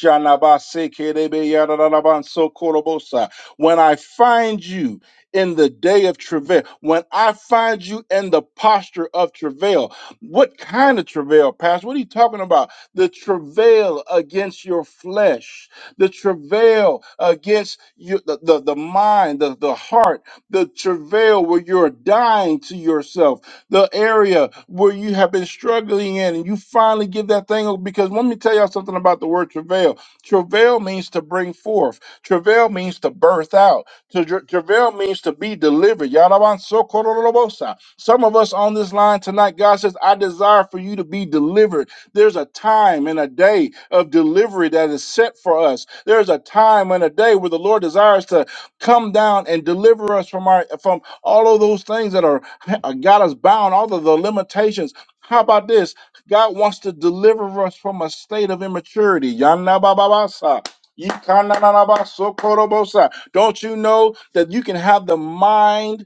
Shanaba sekerebe yadadadaban sokorobosa. When I find you in the day of travail, when I find you in the posture of travail, what kind of travail, Pastor? What are you talking about? The travail against your flesh, the travail against your, the, the, the mind, the, the heart the travail where you're dying to yourself, the area where you have been struggling in, and you finally give that thing up. Because let me tell y'all something about the word travail. Travail means to bring forth. Travail means to birth out. Tra- tra- Travail means to be delivered. Yaraban sokorolobosa. Some of us on this line tonight, God says, I desire for you to be delivered. There's a time and a day of delivery that is set for us. There's a time and a day where the Lord desires to Come down and deliver us from our from all of those things that are uh, got us bound, all of the limitations. How about this? God wants to deliver us from a state of immaturity. Yanababasa. Yikananabaso korobosa. Don't you know that you can have the mind?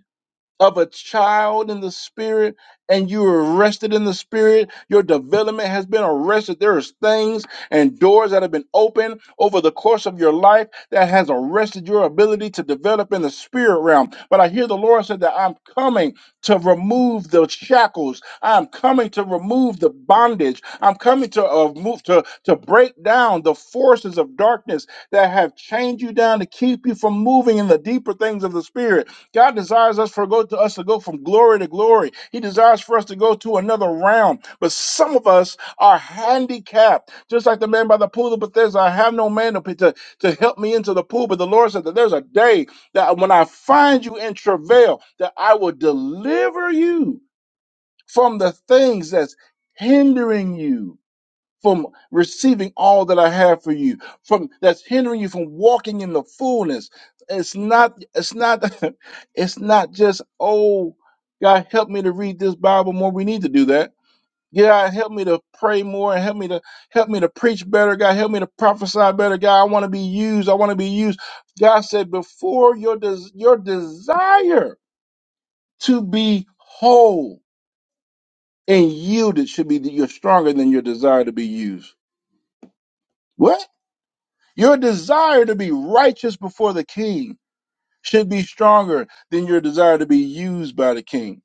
of a child in the spirit and you are arrested in the spirit your development has been arrested there is things and doors that have been opened over the course of your life that has arrested your ability to develop in the spirit realm but i hear the lord said that i'm coming to remove the shackles i'm coming to remove the bondage i'm coming to uh, move to to break down the forces of darkness that have chained you down to keep you from moving in the deeper things of the spirit God desires us for go to us to go from glory to glory. He desires for us to go to another realm. But some of us are handicapped, just like the man by the pool of Bethesda. I have no man to, to, to help me into the pool. But the Lord said that there's a day that when I find you in travail, that I will deliver you from the things that's hindering you from receiving all that I have for you, from that's hindering you from walking in the fullness. It's not, it's not, it's not just, oh, God, help me to read this Bible more. We need to do that. God, help me to pray more and help me to help me to preach better. God, help me to prophesy better. God, I want to be used. I want to be used. God said, before your des- your desire to be whole and yielded should be that you're stronger than your desire to be used. What? Your desire to be righteous before the king should be stronger than your desire to be used by the king.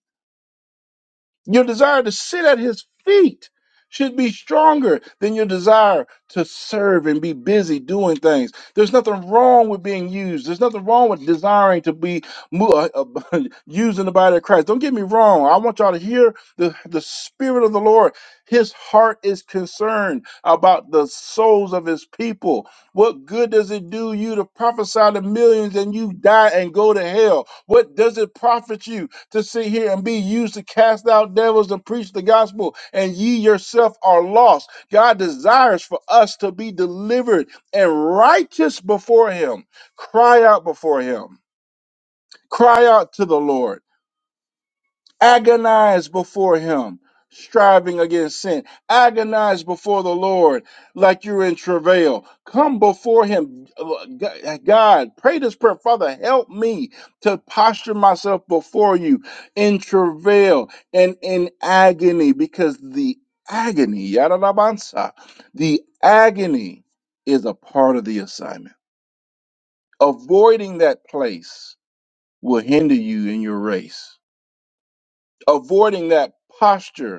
Your desire to sit at his feet should be stronger than your desire to serve and be busy doing things. There's nothing wrong with being used. There's nothing wrong with desiring to be mo- uh, uh, used in the body of Christ. Don't get me wrong. I want y'all to hear the, the Spirit of the Lord. His heart is concerned about the souls of his people. What good does it do you to prophesy to millions and you die and go to hell? What does it profit you to sit here and be used to cast out devils and preach the gospel, and ye yourself are lost. God desires for us to be delivered and righteous before Him. Cry out before Him. Cry out to the Lord Agonize before him, striving against sin. Agonize before the Lord like you're in travail. Come before him. God, pray this prayer. Father, help me to posture myself before you in travail and in agony because the agony, yadadabansa, the agony is a part of the assignment. Avoiding that place will hinder you in your race. Avoiding that posture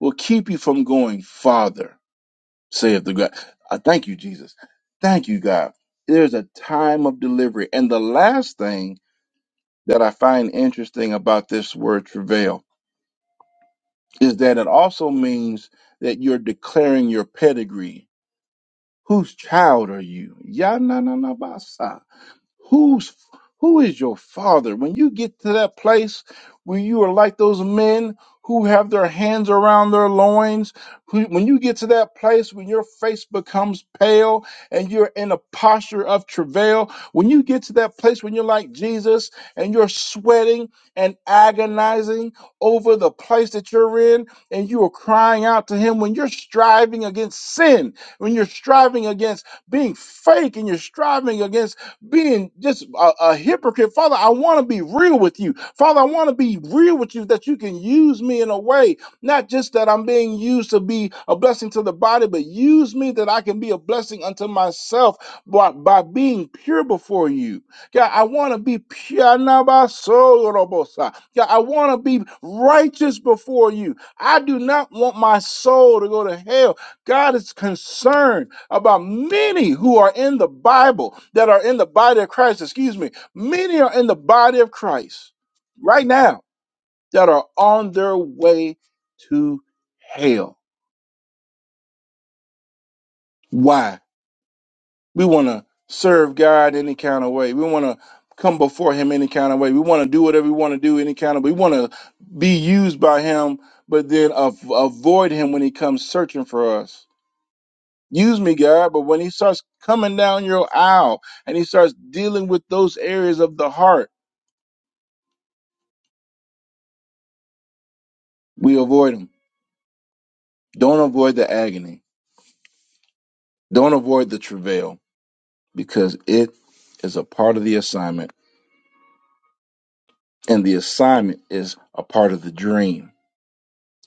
will keep you from going farther, saith the God. I thank you, Jesus. Thank you, God. There's a time of delivery. And the last thing that I find interesting about this word travail is that it also means that you're declaring your pedigree. Whose child are you? Ya na na na ba sa. Who's who is your father? When you get to that place where you are like those men who have their hands around their loins, who, when you get to that place when your face becomes pale and you're in a posture of travail, when you get to that place when you're like Jesus and you're sweating and agonizing over the place that you're in and you are crying out to him when you're striving against sin, when you're striving against being fake and you're striving against being just a, a hypocrite. Father, I want to be real with you. Father, I want to be real with you that you can use me in a way, not just that I'm being used to be a blessing to the body, but use me that I can be a blessing unto myself by, by being pure before you. God, I want to be pure. Nabasorobosa. God, I want to be righteous before you. I do not want my soul to go to hell. God is concerned about many who are in the Bible, that are in the body of Christ, excuse me, many are in the body of Christ right now that are on their way to hell. Why? We want to serve God any kind of way. We want to come before Him any kind of way. We want to do whatever we want to do any kind of We want to be used by Him, but then av- avoid Him when He comes searching for us Use me, God. But when he starts coming down your aisle and he starts dealing with those areas of the heart, we avoid them. Don't avoid the agony. Don't avoid the travail because it is a part of the assignment. And the assignment is a part of the dream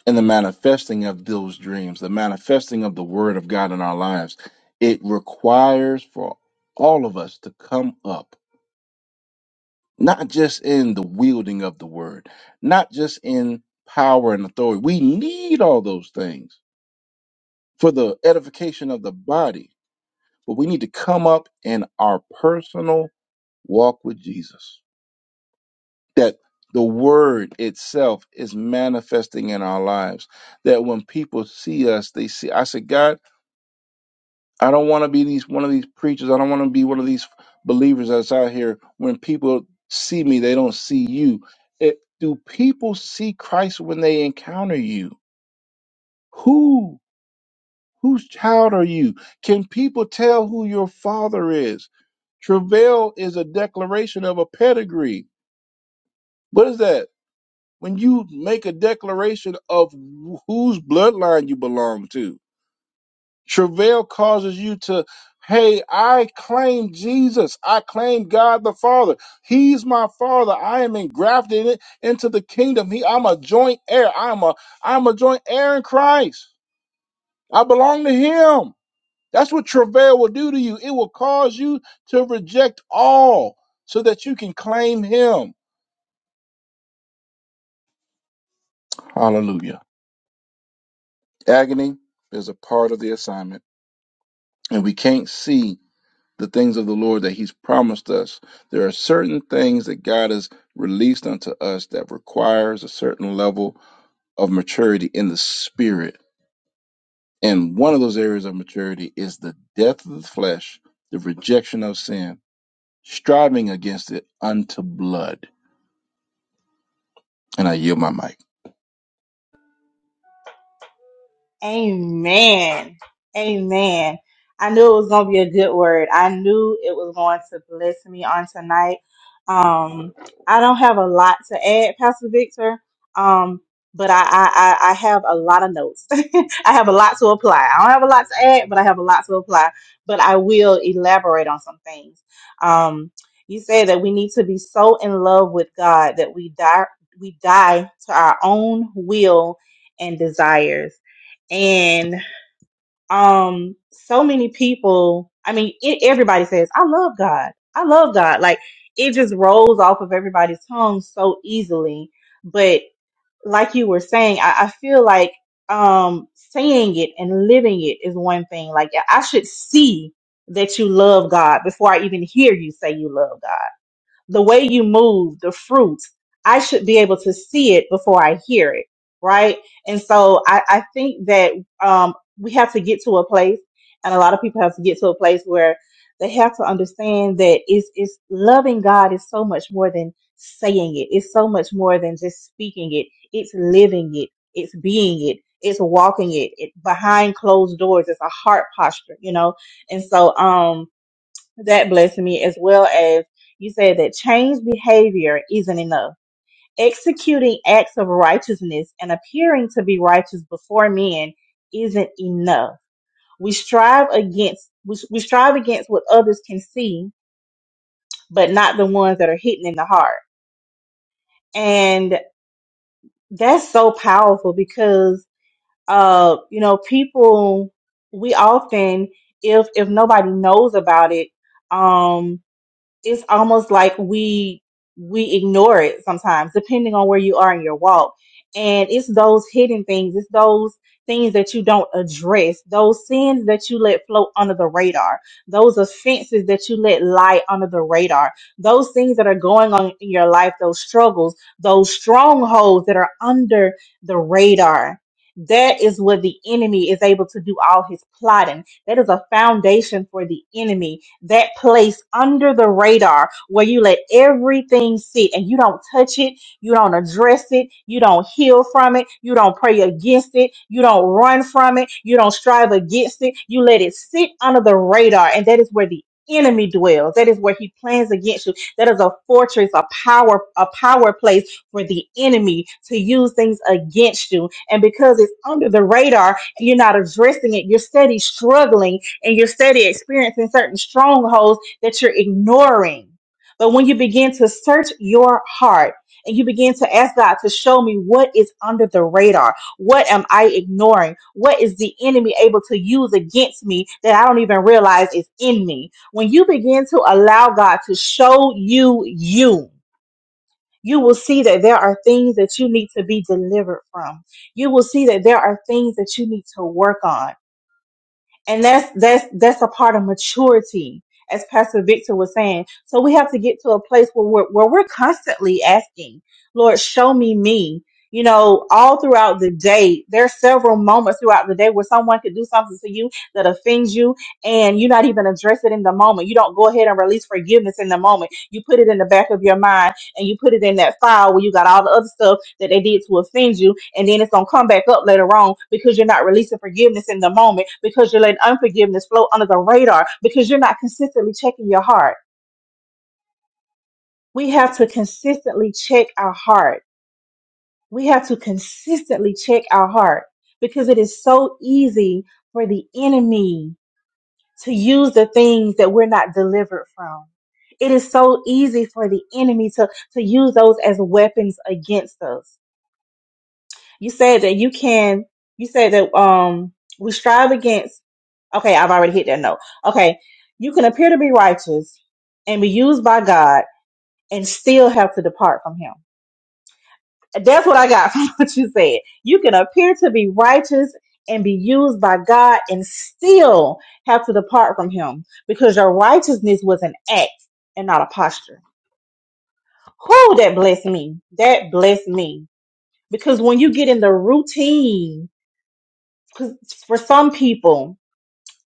and the manifesting of those dreams, the manifesting of the word of God in our lives. It requires for all of us to come up not just in the wielding of the word, not just in power and authority. We need all those things for the edification of the body, but we need to come up in our personal walk with Jesus. That the word itself is manifesting in our lives. That when people see us, they see. I said, God. I don't want to be these one of these preachers. I don't want to be one of these believers that's out here. When people see me, they don't see you. It, do people see Christ when they encounter you? Who whose child are you? Can people tell who your father is? Travail is a declaration of a pedigree. What is that? When you make a declaration of wh- whose bloodline you belong to Travail causes you to, hey, I claim Jesus. I claim God the Father. He's my Father. I am engrafted in- into the kingdom. He, I'm a joint heir. I'm a, I'm a joint heir in Christ. I belong to Him. That's what travail will do to you. It will cause you to reject all so that you can claim Him. Hallelujah. Agony is a part of the assignment, and we can't see. the things of the Lord that He's promised us. There are certain things that God has released unto us that requires a certain level of maturity in the spirit. And one of those areas of maturity is the death of the flesh, the rejection of sin, striving against it unto blood. And I yield my mic.
Amen. Amen. I knew it was going to be a good word. I knew it was going to bless me on tonight. Um, I don't have a lot to add, Pastor Victor. Um, but I, I, I I have a lot of notes. I have a lot to apply. I don't have a lot to add, but I have a lot to apply. But I will elaborate on some things. Um, you said that we need to be so in love with God that we die, we die to our own will and desires and um so many people i mean it, everybody says i love god i love god like it just rolls off of everybody's tongue so easily but like you were saying i, I feel like um saying it and living it is one thing like i should see that you love god before i even hear you say you love god the way you move, the fruit, I should be able to see it before I hear it, right? And so I, I think that um, we have to get to a place, and a lot of people have to get to a place where they have to understand that it's, it's loving God is so much more than saying it. It's so much more than just speaking it. It's living it. It's being it. It's walking it. it behind closed doors. It's a heart posture, you know. And so, um, that blessed me as well as you said that change behavior isn't enough. Executing acts of righteousness and appearing to be righteous before men isn't enough. We strive against we, we strive against what others can see, but not the ones that are hidden in the heart. And that's so powerful because uh you know people we often if if nobody knows about it um. it's almost like we we ignore it sometimes depending on where you are in your walk and it's those hidden things it's those things that you don't address those sins that you let float under the radar those offenses that you let lie under the radar those things that are going on in your life those struggles those strongholds that are under the radar that is what the enemy is able to do all his plotting that is a foundation for the enemy that place under the radar where you let everything sit and you don't touch it, you don't address it, you don't heal from it, you don't pray against it, you don't run from it, you don't strive against it, you let it sit under the radar, and that is where the enemy dwells that is where he plans against you that is a fortress a power a power place for the enemy to use things against you and because it's under the radar you're not addressing it you're steady struggling and you're steady experiencing certain strongholds that you're ignoring. But when you begin to search your heart and you begin to ask God to show me what is under the radar, what am I ignoring? What is the enemy able to use against me that I don't even realize is in me? When you begin to allow God to show you you, you will see that there are things that you need to be delivered from. You will see that there are things that you need to work on and that's that's that's a part of maturity as pastor victor was saying so we have to get to a place where we're where we're constantly asking lord show me me you know all throughout the day there are several moments throughout the day where someone could do something to you that offends you and you're not even address it in the moment you don't go ahead and release forgiveness in the moment you put it in the back of your mind and you put it in that file where you got all the other stuff that they did to offend you, and then it's gonna come back up later on because you're not releasing forgiveness in the moment because you're letting unforgiveness flow under the radar because you're not consistently checking your heart. We have to consistently check our heart. We have to consistently check our heart because it is so easy for the enemy to use the things that we're not delivered from. It is so easy for the enemy to, to use those as weapons against us You said that you can. You said that um we strive against. Okay, I've already hit that note. Okay, you can appear to be righteous and be used by God and still have to depart from Him. That's what I got from what you said. You can appear to be righteous and be used by God and still have to depart from Him because your righteousness was an act and not a posture. Whoo, that blessed me. That blessed me. Because when you get in the routine 'Cause for some people,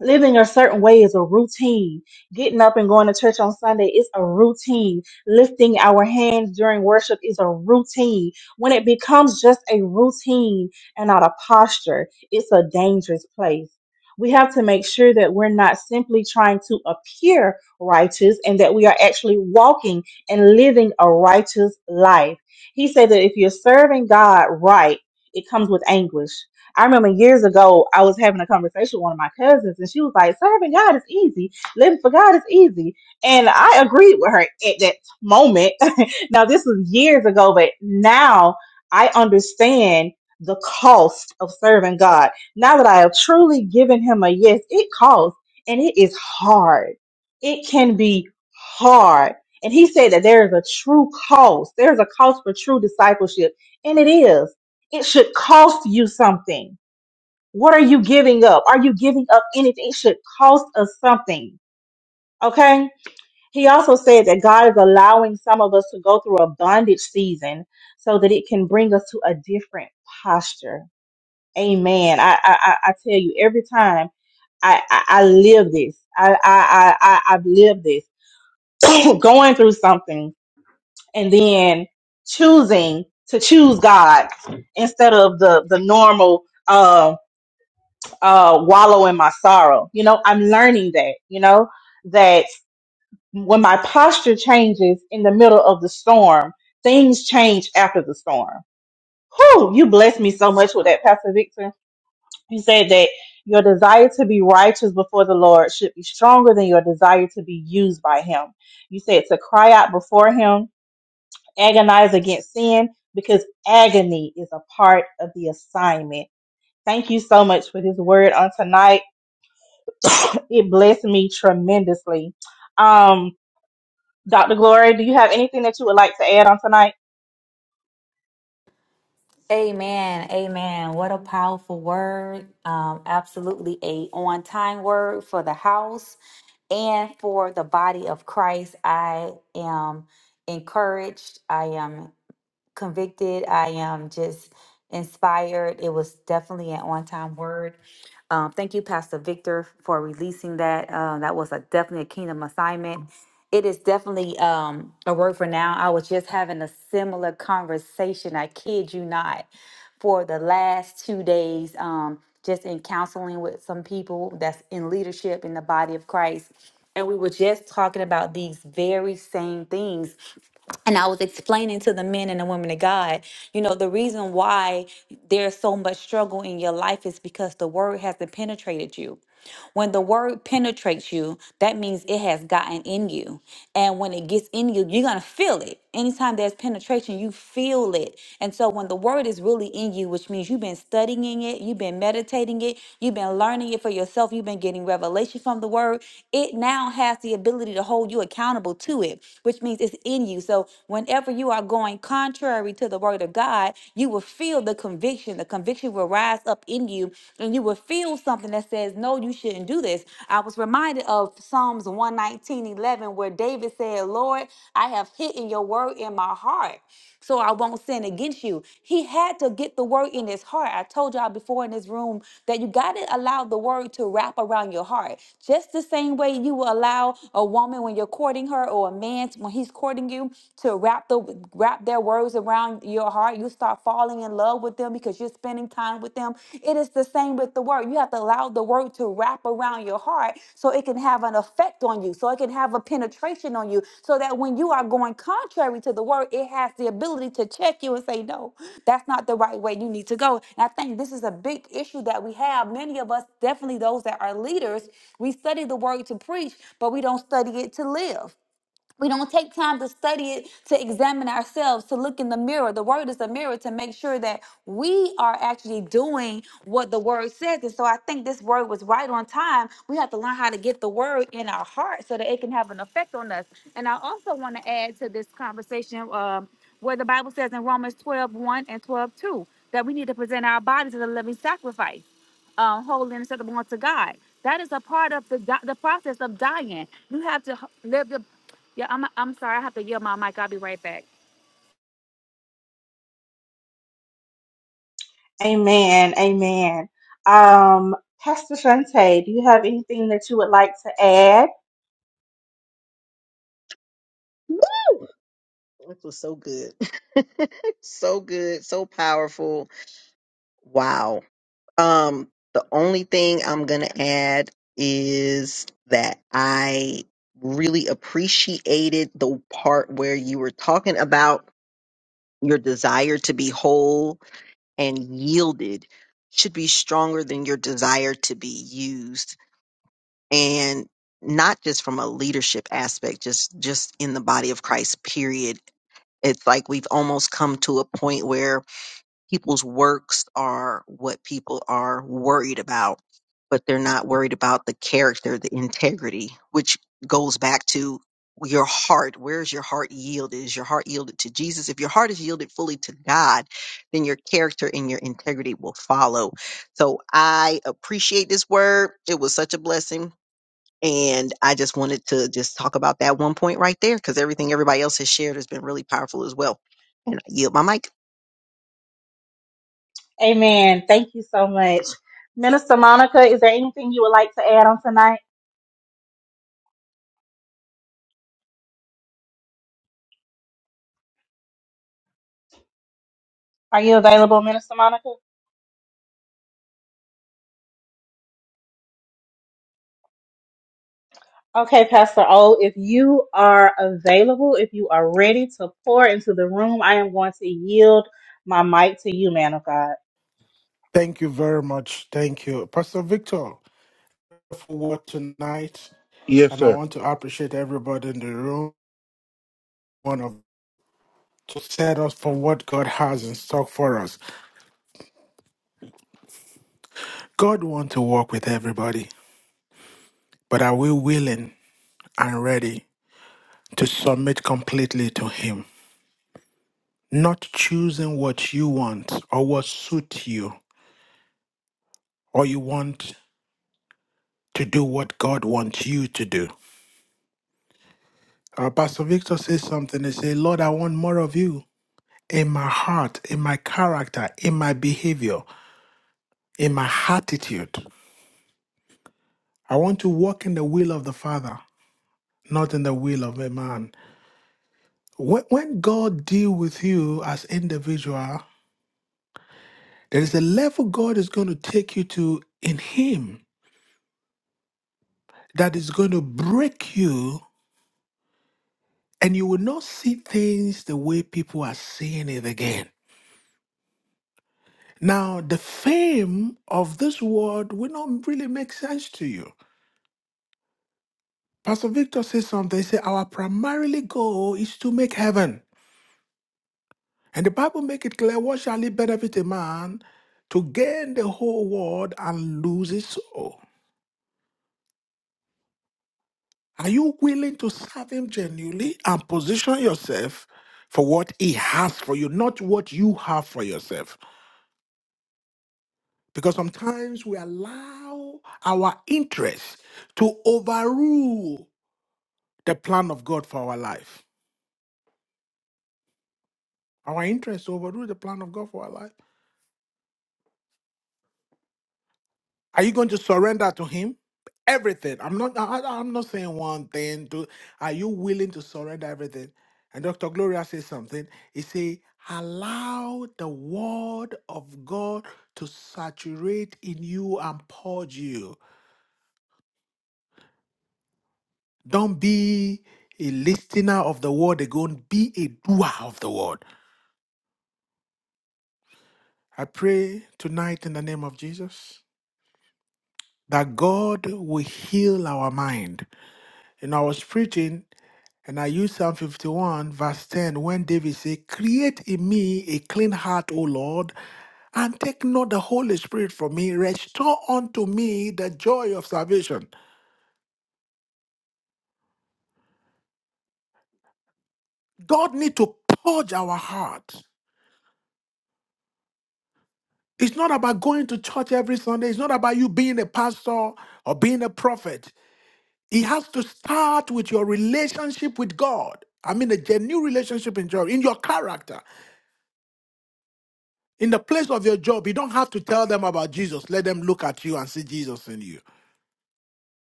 living a certain way is a routine. Getting up and going to church on Sunday is a routine. Lifting our hands during worship is a routine. When it becomes just a routine and not a posture, it's a dangerous place. We have to make sure that we're not simply trying to appear righteous and that we are actually walking and living a righteous life. He said that if you're serving God right, it comes with anguish. I remember years ago, I was having a conversation with one of my cousins, and she was like, Serving God is easy. Living for God is easy. And I agreed with her at that moment. now, this was years ago, but now I understand the cost of serving God. Now that I have truly given Him a yes, it costs, and it is hard. It can be hard. And He said that there is a true cost, there's a cost for true discipleship, and it is. It should cost you something what are you giving up? Are you giving up anything? It should cost us something. Okay. He also said that God is allowing some of us to go through a bondage season so that it can bring us to a different posture. Amen. I I, I I tell you, every time I, I, I live this, I, I, I, I, I've lived this, going through something and then choosing to choose God instead of the, the normal um, uh, wallow in my sorrow. You know, I'm learning that, you know, that when my posture changes in the middle of the storm, things change after the storm. Whew, you blessed me so much with that, Pastor Victor. You said that your desire to be righteous before the Lord should be stronger than your desire to be used by Him. You said to cry out before Him, agonize against sin, because agony is a part of the assignment. Thank you so much for this word on tonight. It blessed me tremendously. Um, Dr. Glory, do you have anything that you would like to add on tonight?
Amen. Amen. What a powerful word. Um, absolutely a on time word for the house and for the body of Christ. I am encouraged. I am convicted. I am just inspired. It was definitely an on time word. Um, thank you, Pastor Victor, for releasing that. Uh, that was a definitely a kingdom assignment. It is definitely um, a word for now. I was just having a similar conversation. I kid you not, for the last two days, um, just in counseling with some people that's in leadership in the body of Christ, and we were just talking about these very same things and I was explaining to the men and the women of God, you know, the reason why there's so much struggle in your life is because the word hasn't penetrated you. When the word penetrates you, that means it has gotten in you. And when it gets in you, you're going to feel it. Anytime there's penetration, you feel it. And so when the word is really in you, which means you've been studying it, you've been meditating it, you've been learning it for yourself, you've been getting revelation from the word, it now has the ability to hold you accountable to it, which means it's in you. So whenever you are going contrary to the word of God, you will feel the conviction. The conviction conviction will rise up in you and you will feel something that says, No, you shouldn't do this. I was reminded of Psalms one nineteen eleven, where David said, Lord, I have hidden your word in my heart, so I won't sin against you. He had to get the word in his heart. I told y'all before in this room that you got to allow the word to wrap around your heart. Just the same way you will allow a woman when you're courting her or a man when he's courting you to wrap the wrap their word words around your heart. You start falling in love with them because you're spending time with them. It is the same with the word. You have to allow the word to wrap around your heart so it can have an effect on you, so it can have a penetration on you, so that when you are going contrary to the word, it has the ability to check you and say, No, that's not the right way you need to go. And I think this is a big issue that we have. Many of us, definitely those that are leaders, we study the word to preach, but we don't study it to live. We don't take time to study it, to examine ourselves, to look in the mirror. The word is a mirror to make sure that we are actually doing what the word says. And so I think this word was right on time. We have to learn how to get the word in our heart so that it can have an effect on us. And I also want to add to this conversation um, where the Bible says in Romans twelve one and 12 2 that we need to present our bodies as a living sacrifice um, holy and acceptable unto God. That is a part of the di- the process of dying. You have to h- live the yeah, I'm I'm sorry. I have to yell my mic. I'll be right back.
Amen. Amen. Um, Pastor Shante, do you have anything that you would like to add?
Woo! This was so good. so good, so powerful. Wow. Um, the only thing I'm gonna add is that I really appreciated the part where you were talking about your desire to be whole and yielded should be stronger than your desire to be used. And not just from a leadership aspect, just just in the body of Christ, period It's like we've almost come to a point where people's works are what people are worried about, but they're not worried about the character, the integrity, which goes back to your heart. Where's your heart yielded? Is your heart yielded to Jesus? If your heart is yielded fully to God, then your character and your integrity will follow. So I appreciate this word. It was such a blessing and I just wanted to just talk about that one point right there because everything everybody else has shared has been really powerful as well. And I yield my mic.
Amen. Thank you so much. Minister Monica, is there anything you would like to add on tonight? Are you available, Minister Monica? Okay, Pastor O, if you are available, if you are ready to pour into the room, I am going to yield my mic to you, man of God.
Yes, sir.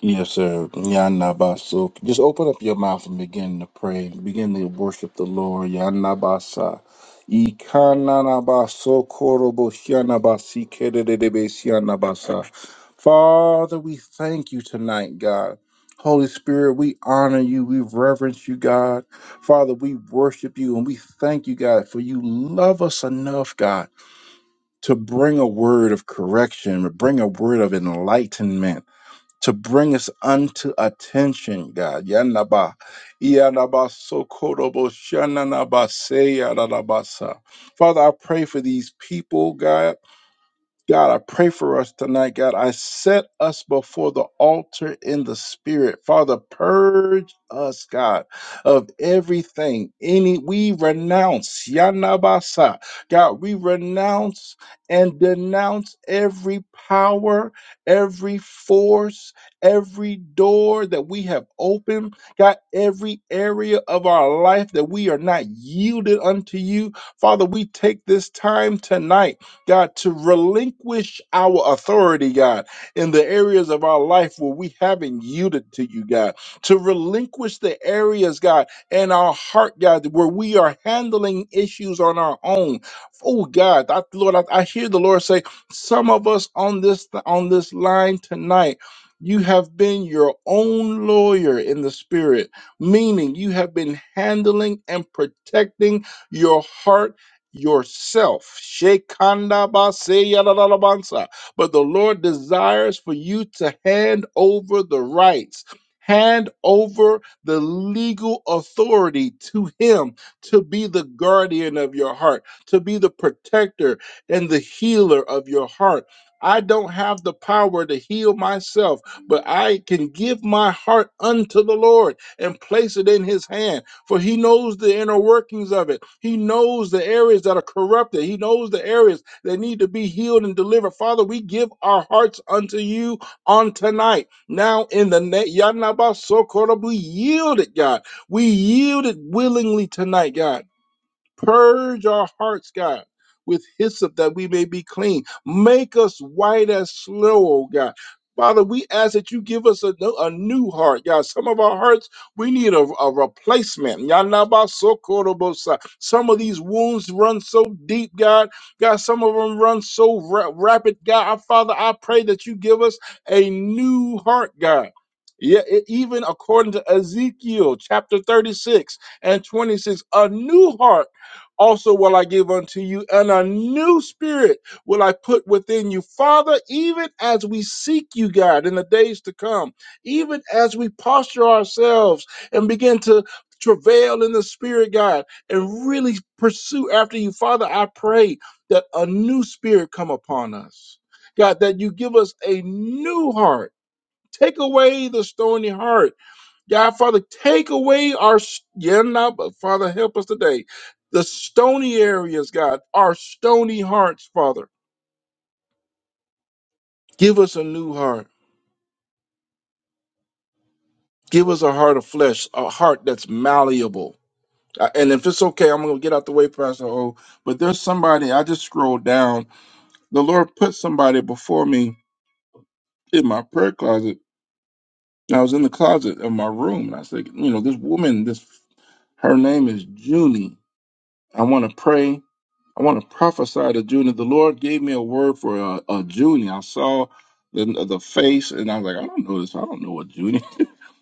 Yes, sir. Yanabasa. Just open up your mouth and begin to pray. Begin to worship the Lord. Yanabasa. Ikananabaso korobosyanabasi kerededebesyanabasa. Father, we thank you tonight, God. Holy Spirit, we honor you. We reverence you, God. Father, we worship you and we thank you, God, for you love us enough, God, to bring a word of correction, to bring a word of enlightenment to bring us unto attention, God. Yanaba, yanaba, sokorobo, shananaba, seyarabasa. Father, I pray for these people, God. God, I pray for us tonight. God, I set us before the altar in the spirit. Father, purge us, God, of everything. Any we renounce, Yanabasa. God, we renounce and denounce every power, every force, every door that we have opened. God, every area of our life that we are not yielded unto you. Father, we take this time tonight. God, to relinquish our authority, God, in the areas of our life where we haven't yielded to you, God, to relinquish the areas, God, in our heart, God, where we are handling issues on our own. Oh God, I, Lord, I, I hear the Lord say, some of us on this on this line tonight. You have been your own lawyer in the spirit, meaning you have been handling and protecting your heart yourself. Shekanda baseya la la la bansa. But the Lord desires for you to hand over the rights. Hand over the legal authority to him to be the guardian of your heart, to be the protector and the healer of your heart. I don't have the power to heal myself, but I can give my heart unto the Lord and place it in his hand for he knows the inner workings of it. He knows the areas that are corrupted. He knows the areas that need to be healed and delivered. Father, we give our hearts unto you on tonight. Now in the net, Yanaba Sokorabu, we yield it, God. We yield it willingly tonight, God. Purge our hearts, God, with hyssop that we may be clean. Make us white as snow, oh God. Father, we ask that you give us a, no- a new heart, God. Some of our hearts, we need a, a replacement. Yanabasokorobosa. Some of these wounds run so deep, God. God, some of them run so ra- rapid, God. Our Father, I pray that you give us a new heart, God. Yeah, e- even according to Ezekiel chapter 36 and 26, a new heart also will I give unto you, and a new spirit will I put within you. Father, even as we seek you, God, in the days to come, even as we posture ourselves and begin to travail in the spirit, God, and really pursue after you, Father, I pray that a new spirit come upon us. God, that you give us a new heart. Take away the stony heart God, Father, take away our, s- yeah, now, but Father, help us today. The stony areas, God, our stony hearts, Father. Give us a new heart. Give us a heart of flesh, a heart that's malleable. Uh, And if it's okay, I'm going to get out the way, Pastor O. But there's somebody, I just scrolled down. The Lord put somebody before me in my prayer closet. I was in the closet of my room. And I said, you know, this woman, this her name is Junie. I want to pray I want to prophesy to Junior. The Lord gave me a word for a, a Junior. I saw the the face, and I was like, I don't know this. I don't know what Junior.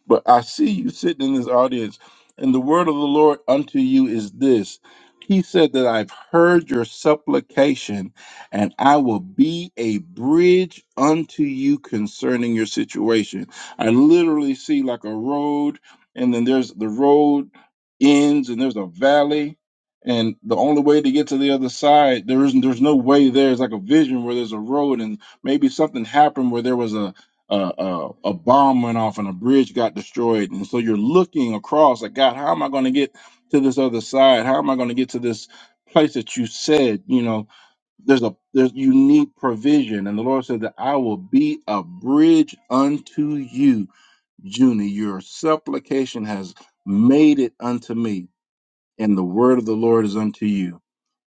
But I see you sitting in this audience, and the word of the Lord unto you is this. He said that I've heard your supplication, and I will be a bridge unto you concerning your situation. I literally see like a road, and then there's the road ends, and there's a valley, and the only way to get to the other side, there isn't. There's no way there. It's like a vision where there's a road, and maybe something happened where there was a uh, uh, a bomb went off and a bridge got destroyed. And so you're looking across like, God, how am I going to get to this other side? How am I going to get to this place that you said, you know, there's a, there's, you need provision. And the Lord said that I will be a bridge unto you, Junie. Your supplication has made it unto me. And the word of the Lord is unto you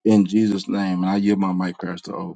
in Jesus' name. And I yield my mic, Pastor O.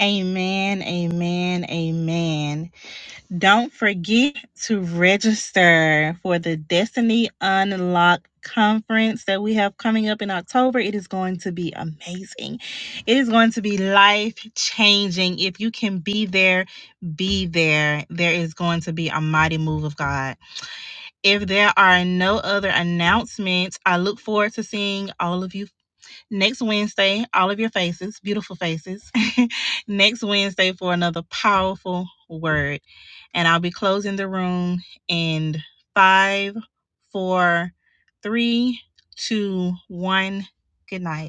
Amen, amen, amen. Don't forget to register for the Destiny Unlocked conference that we have coming up in October. It is going to be amazing. It is going to be life changing. If you can be there, be there. There is going to be a mighty move of God. If there are no other announcements, I look forward to seeing all of you next Wednesday, all of your faces, beautiful faces, next Wednesday for another powerful word. And I'll be closing the room in five, four, three, two, one. Good night.